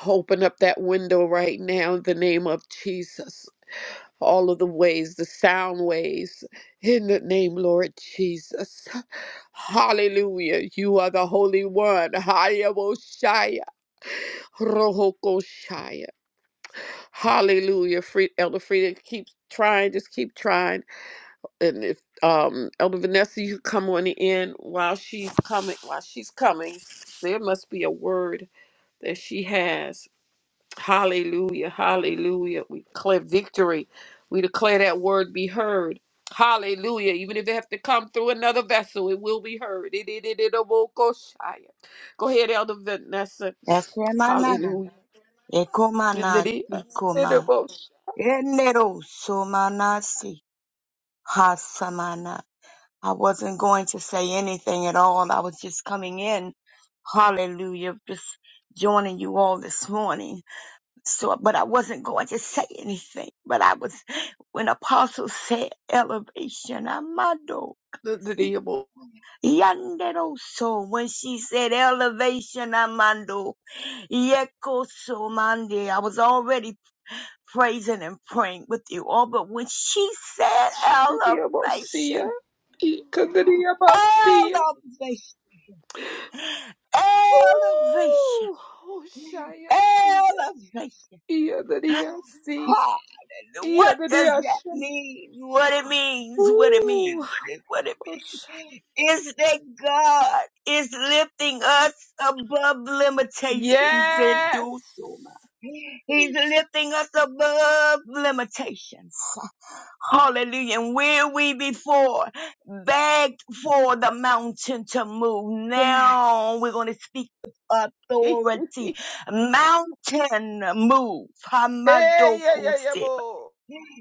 [SPEAKER 4] Open up that window right now in the name of Jesus. All of the ways, the sound waves, in the name, Lord Jesus. Hallelujah. You are the Holy One. Hayabushaya. Rohokoshaya. Hallelujah. Fre- Elder Frida, keep trying. Just keep trying. And if um, Elder Vanessa, you come on in while she's coming. While she's coming, there must be a word that she has. Hallelujah. Hallelujah. We declare victory. We declare that word be heard. Hallelujah. Even if it have to come through another vessel, it will be heard. It- it- it- it- oh, go shy. Go ahead, Elder Vanessa. Hallelujah. In the
[SPEAKER 3] ekomana,
[SPEAKER 4] name of- in
[SPEAKER 3] sikoma,
[SPEAKER 4] the most-
[SPEAKER 3] enero, somanasi. Hasamana. I wasn't going to say anything at all. I was just coming in. Hallelujah. Just joining you all this morning. So, but I wasn't going to say anything. But I was, when Apostle said elevation, Amado.
[SPEAKER 4] in the name of-
[SPEAKER 3] Yandero so when she said elevation amando yeko so mande I was already praising and praying with you all but when she said
[SPEAKER 4] in the name of Sia.
[SPEAKER 3] elevation
[SPEAKER 4] In the name of Sia.
[SPEAKER 3] Elevation, elevation,
[SPEAKER 4] Ooh. Oh, shy, Sia.
[SPEAKER 3] elevation.
[SPEAKER 4] In the name of Sia.
[SPEAKER 3] Ah, What
[SPEAKER 4] In the
[SPEAKER 3] does
[SPEAKER 4] name of
[SPEAKER 3] that
[SPEAKER 4] Sia.
[SPEAKER 3] mean? What it means, what it
[SPEAKER 4] Ooh.
[SPEAKER 3] means, what it means is that God is lifting us above limitations and
[SPEAKER 4] Yes.
[SPEAKER 3] do so much. He's lifting us above limitations. Hallelujah. And where we before begged for the mountain to move, now we're
[SPEAKER 4] Yes.
[SPEAKER 3] going to speak with
[SPEAKER 4] *laughs* hey,
[SPEAKER 3] authority.
[SPEAKER 4] yeah,
[SPEAKER 3] Mountain move. Hamadokuse.
[SPEAKER 4] yeah, yeah, boy.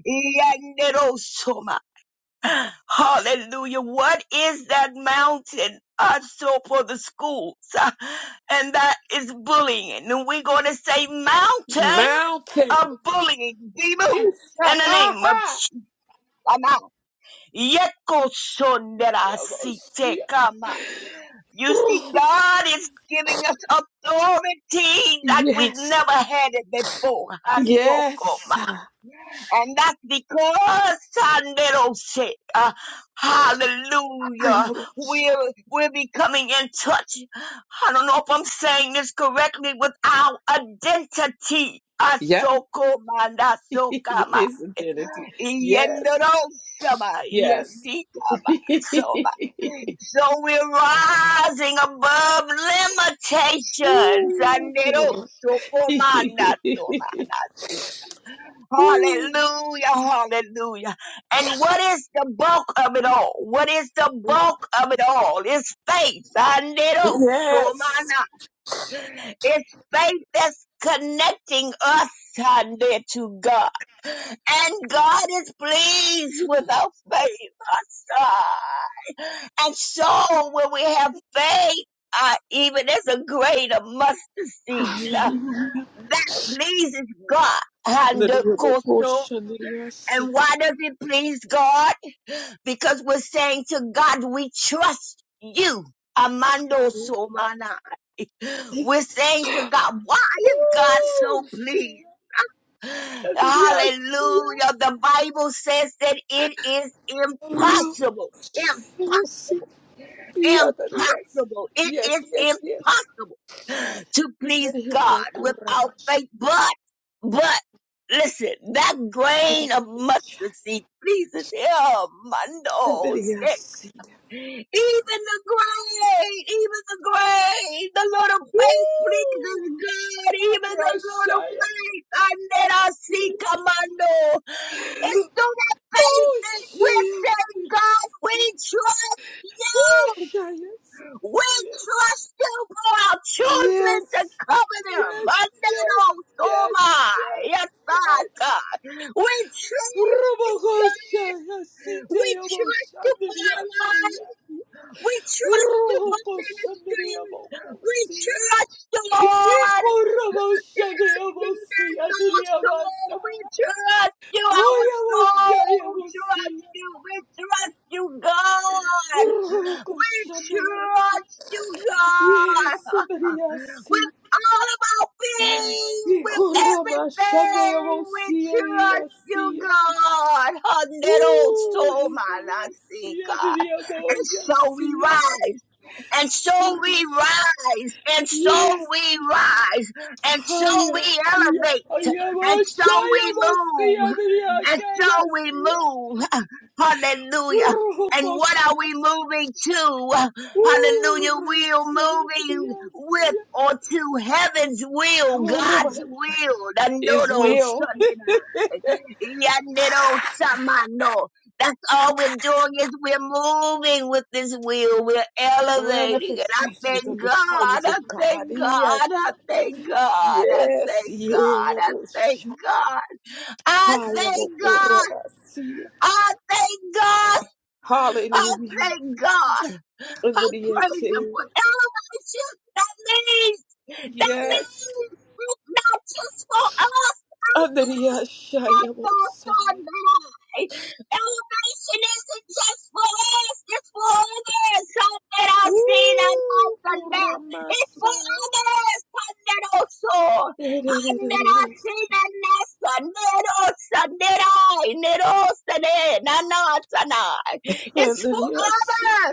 [SPEAKER 3] Yanderosoma. Hallelujah. What is that mountain? Also for the schools. uh, And that is bullying. And we're going to say mountain
[SPEAKER 4] Mountain.
[SPEAKER 3] of bullying be moved
[SPEAKER 4] It's
[SPEAKER 3] in
[SPEAKER 4] up.
[SPEAKER 3] the
[SPEAKER 4] Ah,
[SPEAKER 3] name of Jesus.
[SPEAKER 4] yeah, boy. See ya.
[SPEAKER 3] Yekoshonderasikama. You see,
[SPEAKER 4] *laughs*
[SPEAKER 3] God is giving us authority like we've
[SPEAKER 4] Yes.
[SPEAKER 3] never had it before.
[SPEAKER 4] Yes.
[SPEAKER 3] Hasokoma.
[SPEAKER 4] I
[SPEAKER 3] And that's because, Sanderose, uh, hallelujah,
[SPEAKER 4] am
[SPEAKER 3] we're, we're becoming in touch. I don't know if I'm saying this correctly with our identity.
[SPEAKER 4] Yeah.
[SPEAKER 3] Asokoma,
[SPEAKER 4] *laughs* With
[SPEAKER 3] Nasokama,
[SPEAKER 4] his identity. Yes.
[SPEAKER 3] Yenderosama,
[SPEAKER 4] Yes. *laughs*
[SPEAKER 3] Yesikama. So we're rising above limitations.
[SPEAKER 4] Ooh. *laughs*
[SPEAKER 3] Anderosokomanasomana.
[SPEAKER 4] Ooh.
[SPEAKER 3] Hallelujah, hallelujah. And what is the bulk of it all? What is the bulk of it all? It's faith.
[SPEAKER 4] Yes.
[SPEAKER 3] Anderosomanasomana. It's faith that's connecting us Sunday to God. And God is pleased with our faith. Hallelujah. And so when we have faith, uh, even as a grain of mustard seed, uh, that pleases God. And
[SPEAKER 4] The
[SPEAKER 3] the
[SPEAKER 4] double
[SPEAKER 3] coastal.
[SPEAKER 4] portion that you see.
[SPEAKER 3] And why does it please God? Because we're saying to God, we trust you. Amando Somana. We're saying to God, why is God so
[SPEAKER 4] Oh, shit.
[SPEAKER 3] pleased?
[SPEAKER 4] That you
[SPEAKER 3] Hallelujah.
[SPEAKER 4] see.
[SPEAKER 3] The Bible says that it is impossible. Impossible.
[SPEAKER 4] Yeah, that you see.
[SPEAKER 3] Impossible. It is
[SPEAKER 4] Yes, yes, yes.
[SPEAKER 3] impossible to please
[SPEAKER 4] That you will
[SPEAKER 3] God
[SPEAKER 4] go
[SPEAKER 3] without
[SPEAKER 4] rabash.
[SPEAKER 3] faith. But, but, listen, that
[SPEAKER 4] That you
[SPEAKER 3] grain of mustard
[SPEAKER 4] see.
[SPEAKER 3] seed pleases him.
[SPEAKER 4] That you
[SPEAKER 3] Mando,
[SPEAKER 4] see.
[SPEAKER 3] even the great, even the great, the Lord of
[SPEAKER 4] Ooh,
[SPEAKER 3] faith pleases
[SPEAKER 4] oh,
[SPEAKER 3] God. Even the
[SPEAKER 4] yeah,
[SPEAKER 3] Lord of faith, and then I see commando. It's through that faith
[SPEAKER 4] Oh,
[SPEAKER 3] that we're
[SPEAKER 4] Shia.
[SPEAKER 3] saying, God,
[SPEAKER 4] Yes.
[SPEAKER 3] we trust
[SPEAKER 4] Oh,
[SPEAKER 3] you.
[SPEAKER 4] Shia.
[SPEAKER 3] We
[SPEAKER 4] Yes.
[SPEAKER 3] trust you for our children
[SPEAKER 4] Yes.
[SPEAKER 3] to cover them.
[SPEAKER 4] Yes. Yes.
[SPEAKER 3] Mandano,
[SPEAKER 4] Yes.
[SPEAKER 3] Soma,
[SPEAKER 4] Yes.
[SPEAKER 3] yes,
[SPEAKER 4] Yes.
[SPEAKER 3] God. We trust you,
[SPEAKER 4] Rumokosha yasite
[SPEAKER 3] we
[SPEAKER 4] yamo
[SPEAKER 3] trust you for our lives.
[SPEAKER 4] shandriyasiya.
[SPEAKER 3] We trust you for ministry.
[SPEAKER 4] Rumokoshandriya
[SPEAKER 3] We
[SPEAKER 4] mokosiya.
[SPEAKER 3] trust you, Lord. Lord,
[SPEAKER 4] Iko
[SPEAKER 3] let us
[SPEAKER 4] rumoshandriya
[SPEAKER 3] be the
[SPEAKER 4] mosiya
[SPEAKER 3] North Soul.
[SPEAKER 4] driyamasa.
[SPEAKER 3] We trust you, our
[SPEAKER 4] Oya
[SPEAKER 3] soul.
[SPEAKER 4] moshaya
[SPEAKER 3] Trust
[SPEAKER 4] mosiya.
[SPEAKER 3] you. We trust you, God. We
[SPEAKER 4] Rumokoshandriya mosiya.
[SPEAKER 3] Trust you, God
[SPEAKER 4] Yes,
[SPEAKER 3] with
[SPEAKER 4] driyasi.
[SPEAKER 3] all about being, with
[SPEAKER 4] Iko
[SPEAKER 3] everything,
[SPEAKER 4] rumashandriya
[SPEAKER 3] with trust you,
[SPEAKER 4] mosiya
[SPEAKER 3] God. Hundred
[SPEAKER 4] Woo!
[SPEAKER 3] soul,
[SPEAKER 4] He said,
[SPEAKER 3] my I
[SPEAKER 4] Yes,
[SPEAKER 3] see,
[SPEAKER 4] yeah, did
[SPEAKER 3] God.
[SPEAKER 4] he have all?
[SPEAKER 3] And
[SPEAKER 4] Yes,
[SPEAKER 3] so we
[SPEAKER 4] yeah.
[SPEAKER 3] rise, and so we rise, and so
[SPEAKER 4] Yes,
[SPEAKER 3] we rise, and
[SPEAKER 4] oh
[SPEAKER 3] so we
[SPEAKER 4] yeah. Yeah,
[SPEAKER 3] elevate,
[SPEAKER 4] oh yeah,
[SPEAKER 3] and
[SPEAKER 4] oh,
[SPEAKER 3] so
[SPEAKER 4] shy,
[SPEAKER 3] we
[SPEAKER 4] oh, see, yeah,
[SPEAKER 3] move,
[SPEAKER 4] did he have-
[SPEAKER 3] and
[SPEAKER 4] yeah,
[SPEAKER 3] so
[SPEAKER 4] yes,
[SPEAKER 3] we
[SPEAKER 4] yeah.
[SPEAKER 3] move. Hallelujah.
[SPEAKER 4] Woo,
[SPEAKER 3] And what
[SPEAKER 4] gosh.
[SPEAKER 3] are we moving to? Hallelujah.
[SPEAKER 4] Woo, right,
[SPEAKER 3] We are
[SPEAKER 4] see, yeah, did he
[SPEAKER 3] moving
[SPEAKER 4] have-
[SPEAKER 3] with or to heaven's
[SPEAKER 4] yeah.
[SPEAKER 3] will,
[SPEAKER 4] Oh,
[SPEAKER 3] God's
[SPEAKER 4] Rabbi.
[SPEAKER 3] will.
[SPEAKER 4] His
[SPEAKER 3] Dandodo
[SPEAKER 4] will,
[SPEAKER 3] sanena, yandedo samano. That's all we're doing is we're moving with this will. We're elevating. And I
[SPEAKER 4] manifestations of
[SPEAKER 3] thank
[SPEAKER 4] the
[SPEAKER 3] God.
[SPEAKER 4] sons of
[SPEAKER 3] I
[SPEAKER 4] God.
[SPEAKER 3] thank God.
[SPEAKER 4] Yes,
[SPEAKER 3] I thank God. I
[SPEAKER 4] yes,
[SPEAKER 3] thank
[SPEAKER 4] yeah,
[SPEAKER 3] God.
[SPEAKER 4] yeah, oh,
[SPEAKER 3] I thank
[SPEAKER 4] shy,
[SPEAKER 3] God. I
[SPEAKER 4] oh, yeah,
[SPEAKER 3] thank
[SPEAKER 4] oh,
[SPEAKER 3] God.
[SPEAKER 4] Rabbi, see, yeah.
[SPEAKER 3] I thank God. I
[SPEAKER 4] Hallelujah.
[SPEAKER 3] thank God. I
[SPEAKER 4] Andriya
[SPEAKER 3] praise Him for
[SPEAKER 4] Taylor.
[SPEAKER 3] elevation. That means, that
[SPEAKER 4] Yes.
[SPEAKER 3] means it's not just for us. I'm
[SPEAKER 4] Andriya
[SPEAKER 3] but
[SPEAKER 4] Shaya
[SPEAKER 3] for
[SPEAKER 4] Mosai.
[SPEAKER 3] somebody. Elevation isn't just for us, it's for others. Some that are seen and not
[SPEAKER 4] Woo!
[SPEAKER 3] enough. It's for
[SPEAKER 4] Uramasa.
[SPEAKER 3] others. Some that also. Some that are seen and not enough. Some that are. It's for
[SPEAKER 4] Andriya.
[SPEAKER 3] others.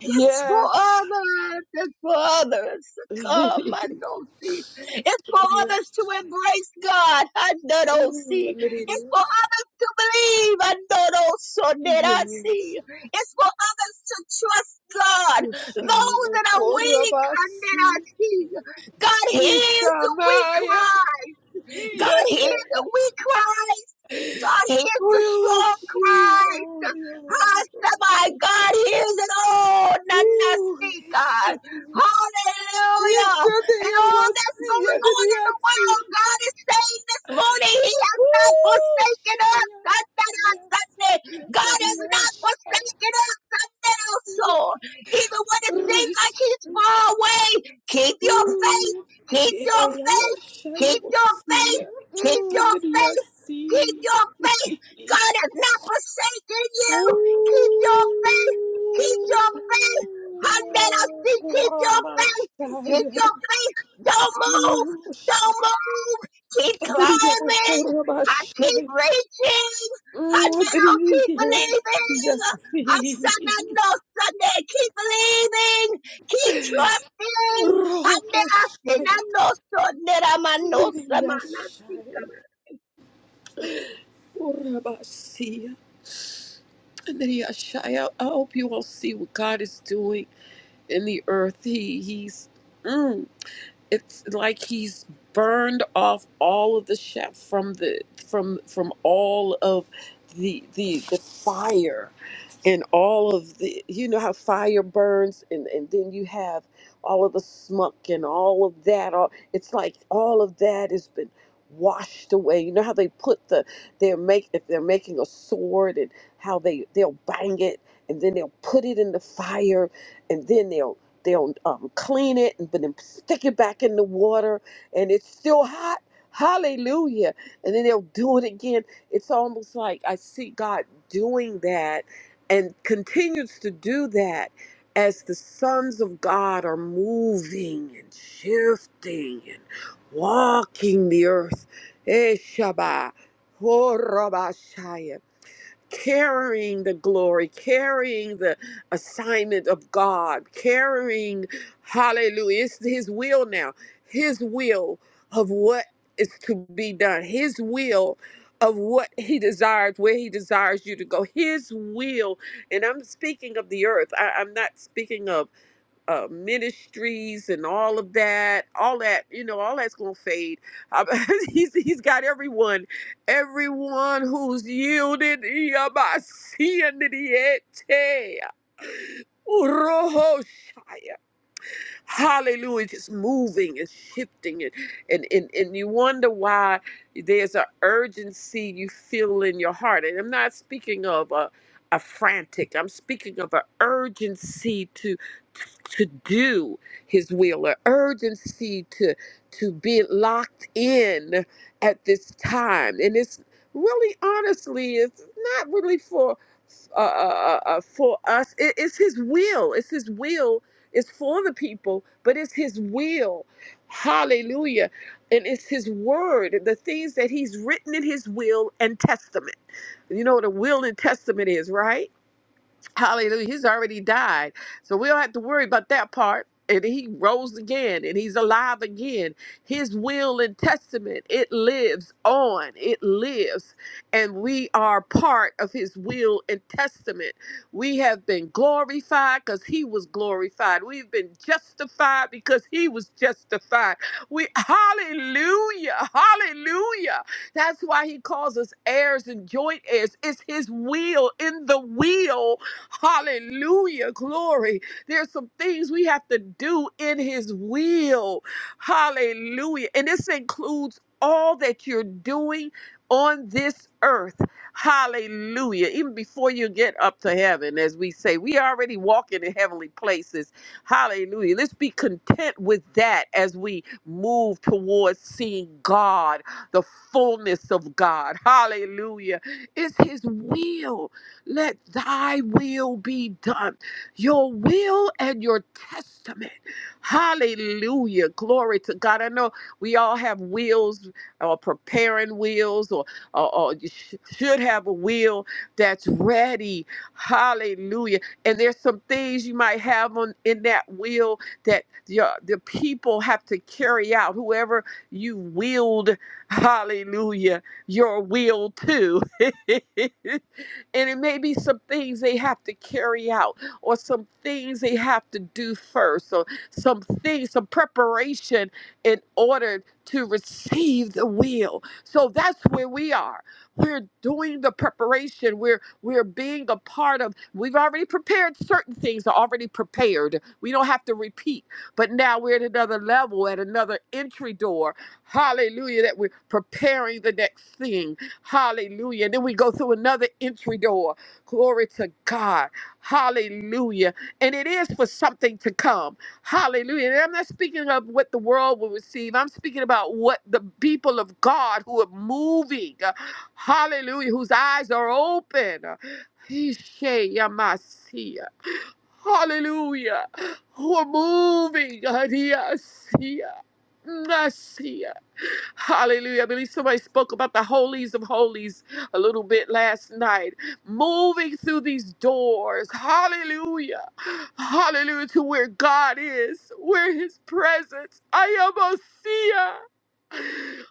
[SPEAKER 3] It's for
[SPEAKER 4] Yes.
[SPEAKER 3] others. It's for others
[SPEAKER 4] *laughs*
[SPEAKER 3] to come.
[SPEAKER 4] Andriya.
[SPEAKER 3] I know see. It's for others to embrace God. I know see. It's
[SPEAKER 4] Andriya.
[SPEAKER 3] for others to believe. I know so did I
[SPEAKER 4] Yes.
[SPEAKER 3] see. It's for others to trust God.
[SPEAKER 4] Shaya
[SPEAKER 3] Those that are weak. I did I
[SPEAKER 4] Okorabasi.
[SPEAKER 3] see. God hears the weak
[SPEAKER 4] Ishamaya.
[SPEAKER 3] cry. God hears
[SPEAKER 4] Iyadea.
[SPEAKER 3] the weak cry. God hears the strong
[SPEAKER 4] Uyavashi.
[SPEAKER 3] cry
[SPEAKER 4] Holy, holy, holy.
[SPEAKER 3] my God hears it all. None that
[SPEAKER 4] Ooh,
[SPEAKER 3] speak,
[SPEAKER 4] yes.
[SPEAKER 3] God.
[SPEAKER 4] yes.
[SPEAKER 3] Hallelujah. And all that's going on in the
[SPEAKER 4] Ishadeyabasiyadeyasi.
[SPEAKER 3] world, God is saying this morning, He has not
[SPEAKER 4] Woo,
[SPEAKER 3] forsaken us.
[SPEAKER 4] Shaya.
[SPEAKER 3] Sunday, on
[SPEAKER 4] Yes,
[SPEAKER 3] Sunday. God has not
[SPEAKER 4] yadeyashaya.
[SPEAKER 3] forsaken us so even when it seems
[SPEAKER 4] Rish.
[SPEAKER 3] like he's far away, keep your
[SPEAKER 4] Ooh,
[SPEAKER 3] faith,
[SPEAKER 4] yeah.
[SPEAKER 3] keep your
[SPEAKER 4] Yeah, yeah,
[SPEAKER 3] faith,
[SPEAKER 4] Shaya
[SPEAKER 3] keep your
[SPEAKER 4] Basiya.
[SPEAKER 3] faith, keep
[SPEAKER 4] Mm,
[SPEAKER 3] your faith,
[SPEAKER 4] adeyasi.
[SPEAKER 3] keep your faith.
[SPEAKER 4] *laughs*
[SPEAKER 3] God has not forsaken you. Keep your faith, keep
[SPEAKER 4] Ooh,
[SPEAKER 3] your faith. Hundred I see, keep your faith, keep
[SPEAKER 4] Kuramashaya.
[SPEAKER 3] your faith. Don't move,
[SPEAKER 4] Ooh, Shaya.
[SPEAKER 3] don't move. Keep
[SPEAKER 4] Adeyabo
[SPEAKER 3] climbing. I keep
[SPEAKER 4] Kuramashaya.
[SPEAKER 3] reaching.
[SPEAKER 4] Mm,
[SPEAKER 3] Hundred I'll keep
[SPEAKER 4] Briyasi.
[SPEAKER 3] believing. Asana no Sunday. Keep believing. Keep trusting. Hande
[SPEAKER 4] Rokoshai.
[SPEAKER 3] asena no Sunday. Ramano samana
[SPEAKER 4] Briyashai.
[SPEAKER 3] sikama.
[SPEAKER 4] Urabasia. Briyashai. I *laughs* I hope you all see what God is doing in the earth. He, he's, mm. it's like he's burned off all of the chef from the from from all of the the the fire and all of the you know how fire burns and and then you have all of the smoke and all of that all it's like all of that has been washed away you know how they put the they're make if they're making a sword and how they they'll bang it and then they'll put it in the fire and then they'll They'll um, clean it and but then stick it back in the water, and it's still hot. Hallelujah! And then they'll do it again. It's almost like I see God doing that, and continues to do that as the sons of God are moving and shifting and walking the earth. Eh, Shabbat. Horabashaya carrying the glory, carrying the assignment of God, carrying, hallelujah, it's His will now, His will of what is to be done, His will of what He desires, where He desires you to go, His will. And I'm speaking of the earth, I, I'm not speaking of uh, ministries and all of that, all that, you know, all that's gonna fade. Uh, *laughs* he's he's got everyone, everyone who's yielded yabasiandiete. Hallelujah. Just moving and shifting it. And, and, and you wonder why there's an urgency you feel in your heart. And I'm not speaking of a, a frantic. I'm speaking of an urgency to to do his will, an urgency to to be locked in at this time. And it's really honestly, it's not really for uh, uh, uh, uh, for us. It, it's His will. It's His will it's for the people, but it's His will. Hallelujah. And it's His word, the things that He's written in His will and testament. You know what a will and testament is, right? Hallelujah. He's already died. So we don't have to worry about that part. And he rose again and he's alive again. His will and testament, it lives on. It lives. And we are part of his will and testament. We have been glorified because he was glorified. We've been justified because he was justified. We hallelujah. Hallelujah. That's why he calls us heirs and joint heirs. It's his will in the will Hallelujah. Glory. There's some things we have to do in His will. Hallelujah. And this includes all that you're doing on this earth. Hallelujah. Even before you get up to heaven, as we say, we already walking in heavenly places. Hallelujah. Let's be content with that as we move towards seeing God, the fullness of God. Hallelujah. It's His will. Let thy will be done. Your will and your testament. Hallelujah. Glory to God. I know we all have wills or preparing wills or, or, or you sh- should have a will that's ready. Hallelujah. And there's some things you might have on in that will that the, the people have to carry out. Whoever you willed, hallelujah, your will to. *laughs* And it may be some things they have to carry out, or some things they have to do first, or some things, some preparation in order to receive the will. So that's where we are. We're doing the preparation. We're we're being a part of. We've already prepared certain things are already prepared. We don't have to repeat. But now we're at another level, at another entry door. Hallelujah! That we're preparing the next thing Hallelujah. Then we go through another entry door. Glory to God. Hallelujah. And it is for something to come. Hallelujah. And I'm not speaking of what the world will receive. I'm speaking about what the people of God who are moving. uh, Hallelujah. Whose eyes are open. uh, Hallelujah. Who are moving. Mercy. Hallelujah. I believe somebody spoke about the holies of holies a little bit last night. Moving through these doors. Hallelujah. Hallelujah to where God is, where his presence. I am a seer.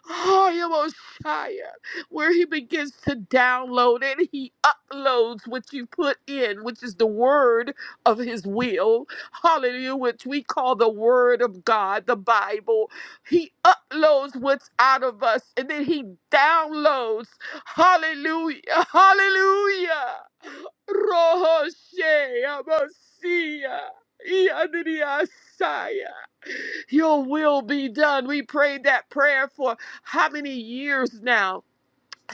[SPEAKER 4] Hoyamoshiach, where he begins to download and he uploads what you put in, which is the word of his will. Hallelujah, which we call the word of God, the Bible. He uploads what's out of us and then he downloads. Hallelujah, *laughs* hallelujah. Rohoshe, Amosiah, Yadriasaya. Your will be done. We prayed that prayer for how many years now?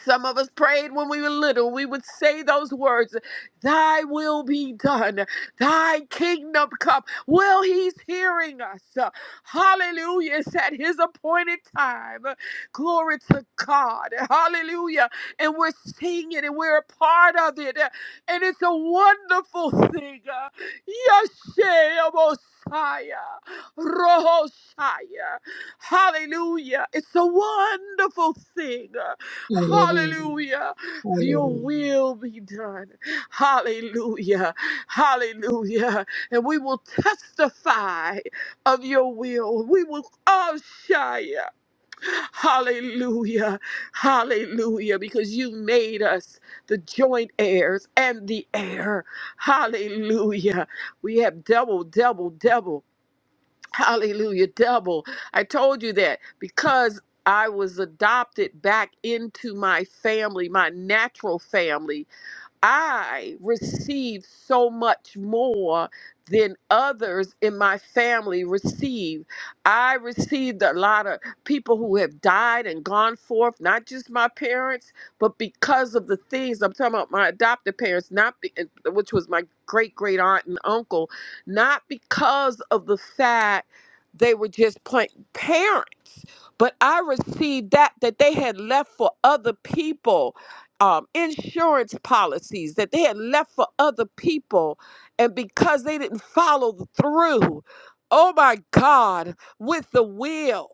[SPEAKER 4] Some of us prayed when we were little. We would say those words, Thy will be done, Thy kingdom come. Well, He's hearing us. Uh, Hallelujah. It's at His appointed time. Uh, Glory to God. Hallelujah. And we're seeing it and we're a part of it. Uh, And it's a wonderful thing. Uh, Yeshua Messiah, Rohoshaya. Hallelujah. It's a wonderful thing.
[SPEAKER 3] Hallelujah.
[SPEAKER 4] Hallelujah. Your
[SPEAKER 3] Hallelujah.
[SPEAKER 4] will be done. Hallelujah. Hallelujah. And we will testify of your will. We will all shine. Hallelujah. Hallelujah. Because you made us the joint heirs and the heir. Hallelujah. We have double, double, double. Hallelujah, double. I told you that because I was adopted back into my family, my natural family. I received so much more than others in my family received. I received a lot of people who have died and gone forth, not just my parents, but because of the things I'm talking about my adopted parents, not be, which was my great great aunt and uncle, not because of the fact they were just plain parents, but I received that that they had left for other people um, insurance policies that they had left for other people. And because they didn't follow through, oh my God, with the will.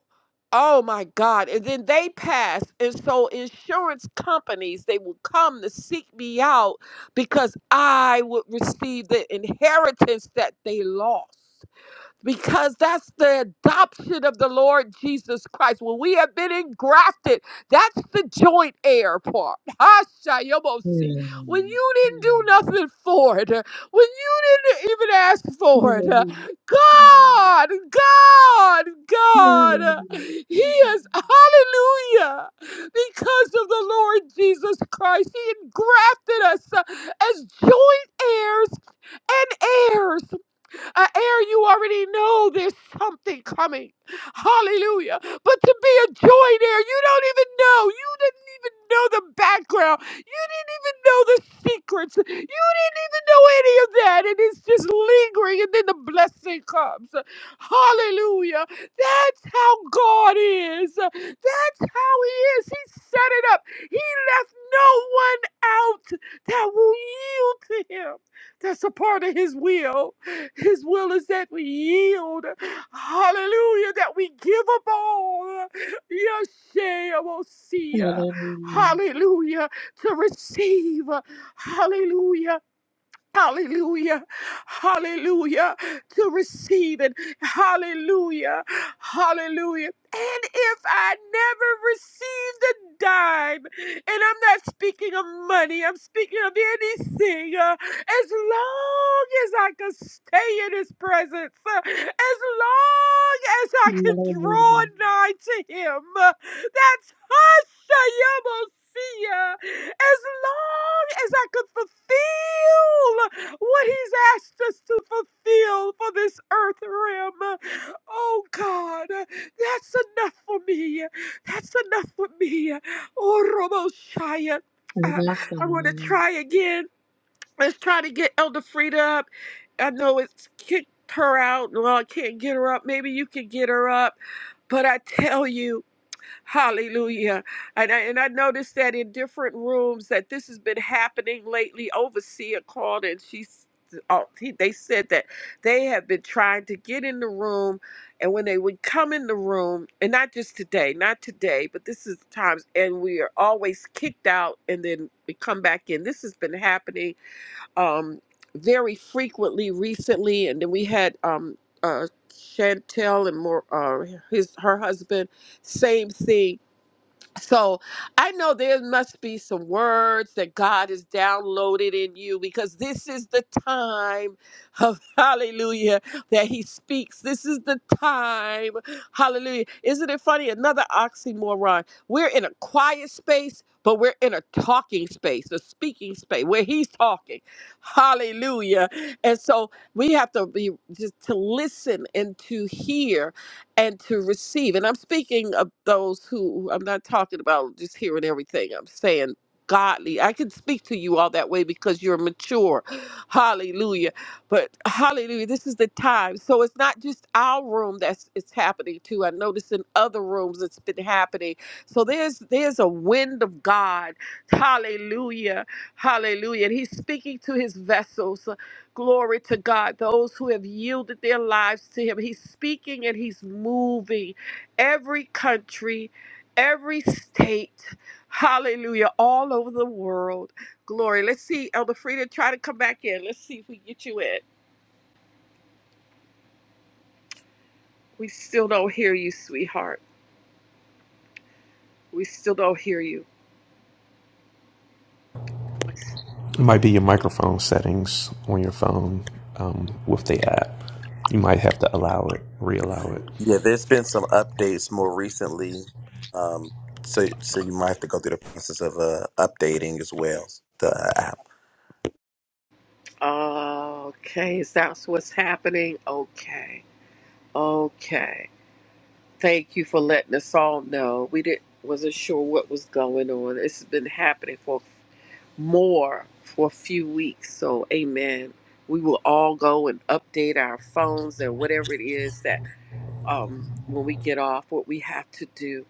[SPEAKER 4] Oh my God. And then they passed. And so insurance companies, they will come to seek me out because I would receive the inheritance that they lost because that's the adoption of the Lord Jesus Christ. When we have been engrafted, that's the joint heir part. *laughs* Hashayomosi.
[SPEAKER 3] Hallelujah.
[SPEAKER 4] When you didn't do nothing for it, uh, when you didn't even ask for it, uh,
[SPEAKER 3] Hallelujah.
[SPEAKER 4] God, God, God, uh, He is hallelujah because of the Lord Jesus Christ. He engrafted us uh, as joint heirs and heirs. An heir, you already know there's something coming. Hallelujah. But to be a joint heir, you don't even know. You didn't even know the background. You didn't even know the secrets. You didn't even know any of that. And it's just lingering, and then the blessing comes. Hallelujah. That's how God is. That's how He is. He set it up. He left no one out that will yield to Him. That's a part of his will. His will is that we yield. Hallelujah. That we give up all. Yeshua.
[SPEAKER 3] Hallelujah.
[SPEAKER 4] Hallelujah. To receive. Hallelujah. Hallelujah. Hallelujah. To receive it. Hallelujah. Hallelujah. And if I never received a dime, and I'm not speaking of money, I'm speaking of anything as long as I could stay in his presence, uh, as long as I could
[SPEAKER 3] Hallelujah. Hallelujah.
[SPEAKER 4] draw nigh to him. uh, That's Hashayamosia. As long as I could fulfill what he's asked us to fulfill for this earth realm. uh, Oh God, uh, that's enough for me. That's enough for me. Oh Roboshaya. I want to
[SPEAKER 3] Hallelujah.
[SPEAKER 4] try again. Let's try to get Elder Frida up. I know it's kicked her out. Well, I can't get her up. Maybe you can get her up. But I tell you, hallelujah. And I, and I noticed that in different rooms that this has been happening lately. Overseer called and she's oh, he, they said that they have been trying to get in the room and when they would come in the room and not just today not today but this is the times and we are always kicked out and then we come back in this has been happening um, very frequently recently, and then we had um, uh, Chantel and more uh, his her husband, same thing so I know there must be some words that God has downloaded in you because this is the time of *laughs* hallelujah that He speaks. This is the time, hallelujah. Isn't it funny? Another oxymoron. We're in a quiet space. But we're in a talking space, a speaking space where he's talking. Hallelujah. And so we have to be just to listen and to hear and to receive. And I'm speaking of those who I'm not talking about just hearing everything. I'm saying godly. I can speak to you all that way because you're mature. Hallelujah. But hallelujah, this is the time. So it's not just our room that's it's happening to. I noticed in other rooms it's been happening. So there's there's a wind of God. Hallelujah. Hallelujah. And he's speaking to his vessels. Glory to God. Those who have yielded their lives to Him. He's speaking and He's moving. Every country, every state, hallelujah, all over the world. Glory. Let's see, Elder Frida, try to come back in. Let's see if we get you in. We still don't hear you, sweetheart. We still don't hear you.
[SPEAKER 1] It might be your microphone settings on your phone um, with the app. You might have to allow it, reallow it.
[SPEAKER 2] Yeah, there's been some updates more recently. Um, so, so you might have to go through the process of uh, updating as well the app.
[SPEAKER 4] Okay, is that what's happening? Okay. Okay. Thank you for letting us all know. We didn't wasn't sure what was going on. It's been happening for more for a few weeks. So amen. We will all go and update our phones and whatever it is that um when we get off what we have to do.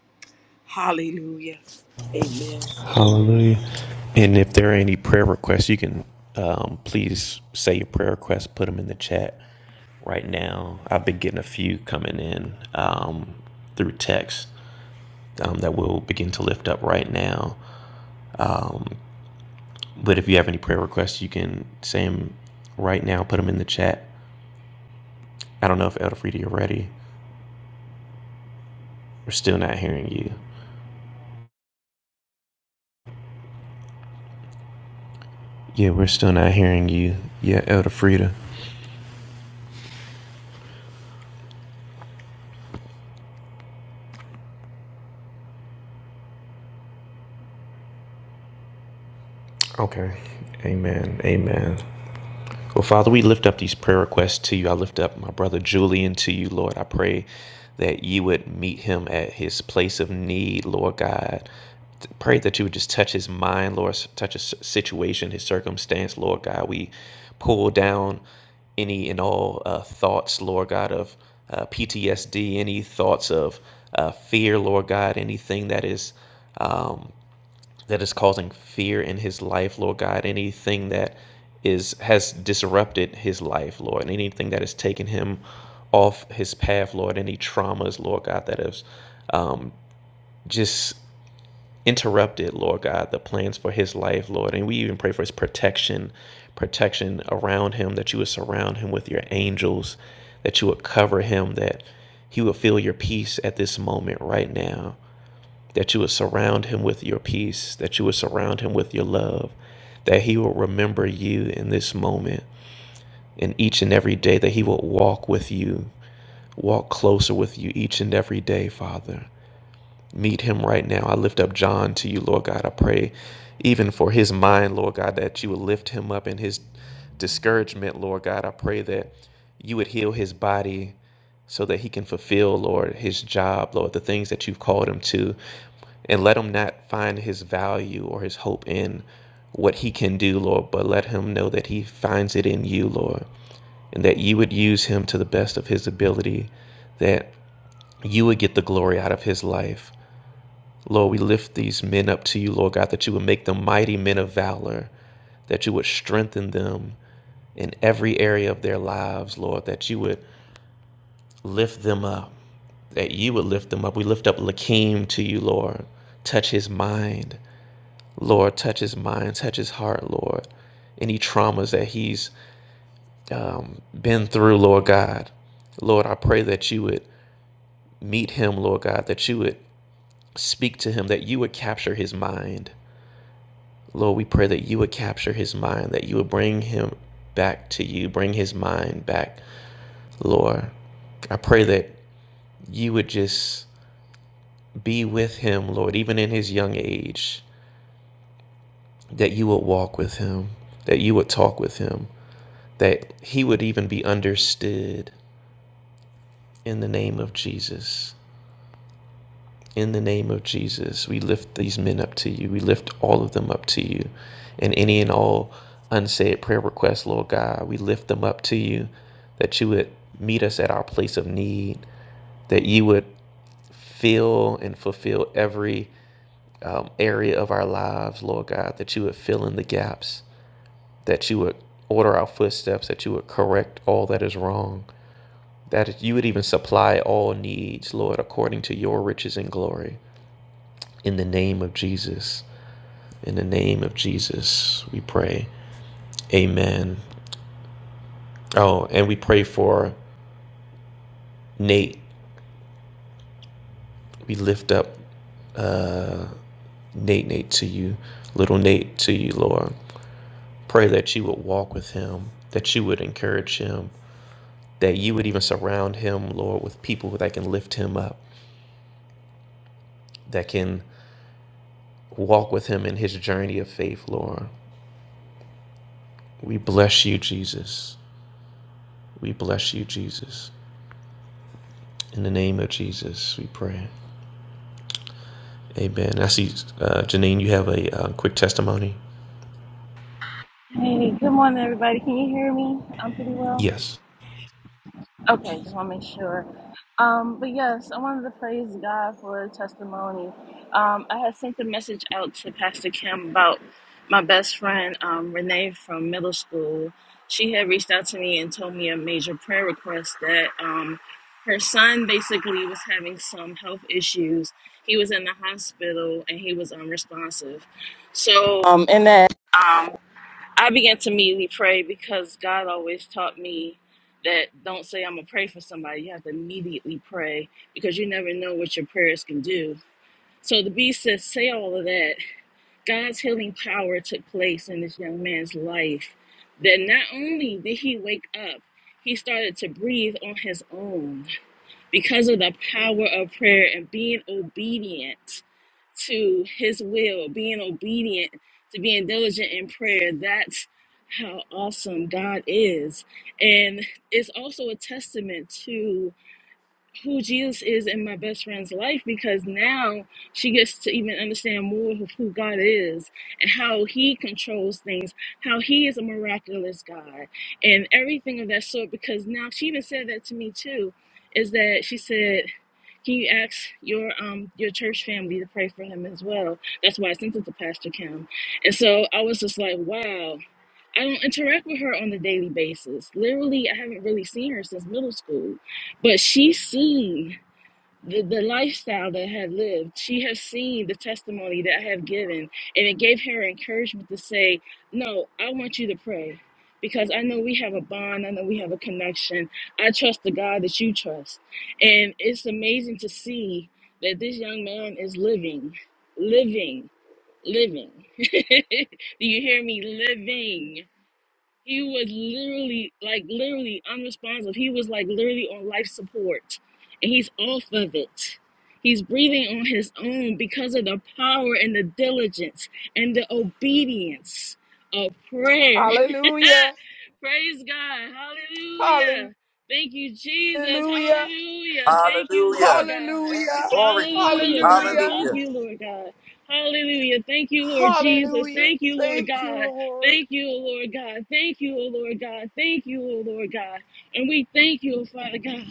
[SPEAKER 4] Hallelujah. Amen. Amen.
[SPEAKER 1] Hallelujah. And if there are any prayer requests, you can um, please say your prayer requests, put them in the chat right now. I've been getting a few coming in um, through text um, that we'll begin to lift up right now. But if you have any prayer requests, you can say them right now, put them in the chat. I don't know if Elder Frida, you're ready. We're still not hearing you. Yeah, we're still not hearing you. Yeah, Elder Frida. Okay. Amen. Amen. Well, Father, we lift up these prayer requests to you. I lift up my brother Julian to you, Lord. I pray that you would meet him at his place of need, Lord God. Pray that you would just touch his mind, Lord, touch his situation, his circumstance, Lord God. We pull down any and all uh, thoughts, Lord God, of uh, PTSD, any thoughts of uh, fear, Lord God, anything that is. um, that is causing fear in his life, Lord God, anything that is has disrupted his life, Lord, and anything that has taken him off his path, Lord, any traumas, Lord God, that have just interrupted, Lord God, the plans for his life, Lord. And we even pray for his protection, protection around him, that you would surround him with your angels, that you would cover him, that he would feel your peace at this moment right now that you would surround him with your peace, that you would surround him with your love, that he will remember you in this moment and each and every day, that he will walk with you, walk closer with you each and every day, Father. Meet him right now. I lift up John to you, Lord God. I pray even for his mind, Lord God, that you would lift him up in his discouragement, Lord God. I pray that you would heal his body so that he can fulfill, Lord, his job, Lord, the things that you've called him to and let him not find his value or his hope in what he can do, Lord, but let him know that he finds it in you, Lord, and that you would use him to the best of his ability, that you would get the glory out of his life. Lord, we lift these men up to you, Lord God, that you would make them mighty men of valor, that you would strengthen them in every area of their lives, Lord, that you would lift them up, that you would lift them up. We lift up Lakeem to you, Lord. Touch his mind, Lord, touch his mind, touch his heart, Lord. Any traumas that he's um, been through, Lord God. Lord, I pray that you would meet him, Lord God, that you would speak to him, that you would capture his mind. Lord, we pray that you would capture his mind, that you would bring him back to you, bring his mind back, Lord. I pray that you would just be with him, Lord, even in his young age, that you would walk with him, that you would talk with him, that he would even be understood in the name of Jesus. In the name of Jesus, we lift these men up to you. We lift all of them up to you. And any and all unsaid prayer requests, Lord God, we lift them up to you that you would meet us at our place of need, that you would fill and fulfill every um, area of our lives, Lord God, that you would fill in the gaps, that you would order our footsteps, that you would correct all that is wrong, that you would even supply all needs, Lord, according to your riches and glory. In the name of Jesus, in the name of Jesus, we pray. Amen. Oh, and we pray for Nate. We lift up Nate, Nate to you, little Nate to you, Lord. Pray that you would walk with him, that you would encourage him, that you would even surround him, Lord, with people that can lift him up, that can walk with him in his journey of faith, Lord. We bless you, Jesus. We bless you, Jesus. In the name of Jesus, we pray. Amen. I see, uh, Janine, you have a uh, quick testimony?
[SPEAKER 8] Hey, good morning, everybody. Can you hear me? I'm pretty well.
[SPEAKER 1] Yes.
[SPEAKER 8] Okay, just want to make sure. Um, but yes, I wanted to praise God for a testimony. Um, I had sent a message out to Pastor Kim about my best friend, um, Renee from middle school. She had reached out to me and told me a major prayer request that um, her son basically was having some health issues. He was in the hospital and he was unresponsive. So, um, in that. I began to immediately pray because God always taught me that don't say I'm gonna pray for somebody. You have to immediately pray because you never know what your prayers can do. So the beast says, say all of that. God's healing power took place in this young man's life. That not only did he wake up, he started to breathe on his own because of the power of prayer and being obedient to his will, being obedient to being diligent in prayer. That's how awesome God is. And it's also a testament to who Jesus is in my best friend's life because now she gets to even understand more of who God is and how He controls things, how He is a miraculous God, and everything of that sort. Because now she even said that to me too, is that she said, "Can you ask your um your church family to pray for him as well?" That's why I sent it to Pastor Kim, and so I was just like, "Wow." I don't interact with her on a daily basis. Literally, I haven't really seen her since middle school, but she's seen the, the lifestyle that I have lived. She has seen the testimony that I have given, and it gave her encouragement to say, No, I want you to pray because I know we have a bond, I know we have a connection. I trust the God that you trust. And it's amazing to see that this young man is living, living, living. *laughs* Do you hear me? Living. He was literally, like, literally unresponsive. He was, like, literally on life support, and he's off of it. He's breathing on his own because of the power and the diligence and the obedience of prayer.
[SPEAKER 4] Hallelujah.
[SPEAKER 8] *laughs* Praise God. Hallelujah. Thank you, Jesus.
[SPEAKER 4] Hallelujah.
[SPEAKER 8] Hallelujah. Thank you,
[SPEAKER 2] Hallelujah.
[SPEAKER 8] Lord God.
[SPEAKER 4] Hallelujah.
[SPEAKER 2] Glory. to you.
[SPEAKER 8] Hallelujah, God.
[SPEAKER 4] Hallelujah.
[SPEAKER 8] Thank
[SPEAKER 2] Hallelujah.
[SPEAKER 8] you, Lord God. Hallelujah. Thank you, Lord Jesus.
[SPEAKER 4] Hallelujah.
[SPEAKER 8] Thank you, Lord
[SPEAKER 4] Thank you,
[SPEAKER 8] God.
[SPEAKER 4] Lord.
[SPEAKER 8] Thank you, O Lord God. Thank you, O Lord God. Thank you, O Lord God. And we thank you, O Father God.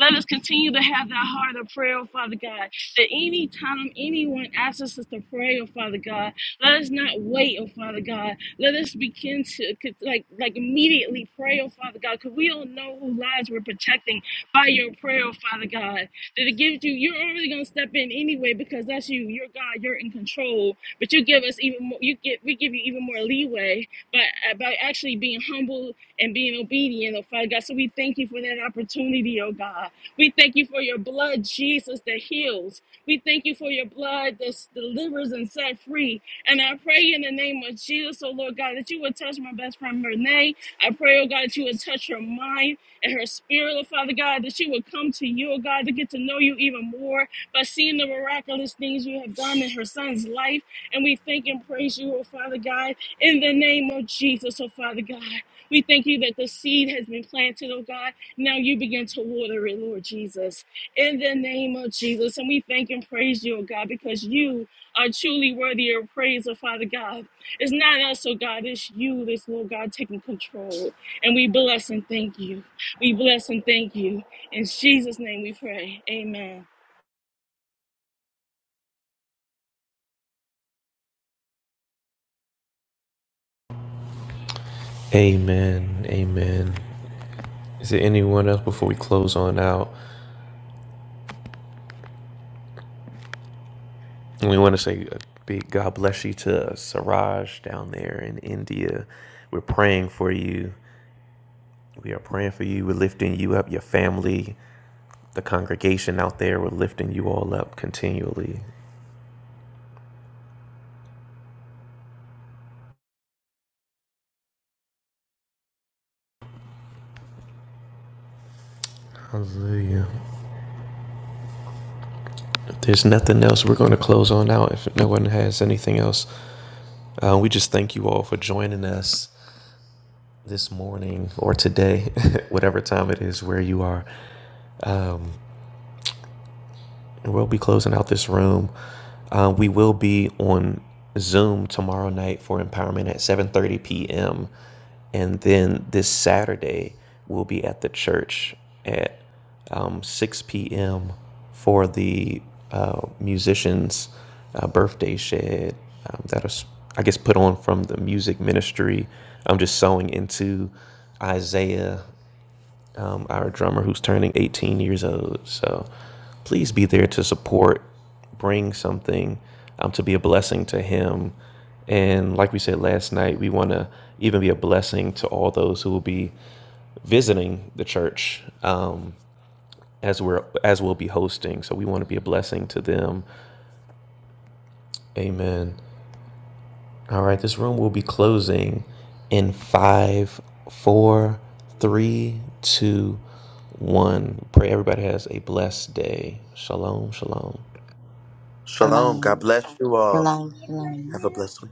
[SPEAKER 8] Let us continue to have that heart of prayer, O Father God. That any time anyone asks us to pray, O Father God, let us not wait, O Father God. Let us begin to like like immediately pray, O Father God, because we don't know who lives we're protecting by your prayer, O Father God. That it gives you, you're already gonna step in anyway because that's you. You're God. You're in control but you give us even more, you get we give you even more leeway by uh, by actually being humble and being obedient, oh Father God. So we thank you for that opportunity, oh God. We thank you for your blood, Jesus, that heals. We thank you for your blood that delivers and set free. And I pray in the name of Jesus, oh Lord God, that you would touch my best friend Renee. I pray, oh God, that you would touch her mind and her spirit, oh Father God, that she would come to you, oh God, to get to know you even more by seeing the miraculous things you have done in her son's life. And we thank and praise you, oh Father God, in the name of Jesus, oh Father God. We thank you that the seed has been planted, oh God. Now you begin to water it, Lord Jesus, in the name of Jesus. And we thank and praise you, oh God, because you are truly worthy of praise, oh Father God. It's not us, oh God, it's you, this Lord God, taking control. And we bless and thank you. We bless and thank you. In Jesus' name we pray. Amen.
[SPEAKER 1] Amen. Amen. Is there anyone else before we close on out? And We want to say a big God bless you to uh, Siraj down there in India. We're praying for you. We are praying for you. We're lifting you up, your family, the congregation out there. We're lifting you all up continually. Hallelujah. There's nothing else. We're going to close on out if no one has anything else. Uh, we just thank you all for joining us this morning or today, *laughs* whatever time it is where you are. and we'll be closing out this room. Uh, we will be on Zoom tomorrow night for empowerment at 7:30 p.m. And then this Saturday, we'll be at the church at um, 6 p.m. for the uh, musicians' uh, birthday shed um, that is, I guess, put on from the music ministry. I'm just sewing into Isaiah um, our drummer who's turning 18 years old. So please be there to support, bring something um, to be a blessing to him. And like we said last night, we want to even be a blessing to all those who will be visiting the church um, as we're as we'll be hosting. So we want to be a blessing to them. Amen. All right, this room will be closing in five, four, three, two, one. Pray everybody has a blessed day. Shalom, shalom.
[SPEAKER 2] Shalom.
[SPEAKER 3] Shalom.
[SPEAKER 2] God bless you all.
[SPEAKER 3] Shalom. Shalom.
[SPEAKER 2] Have a blessed week.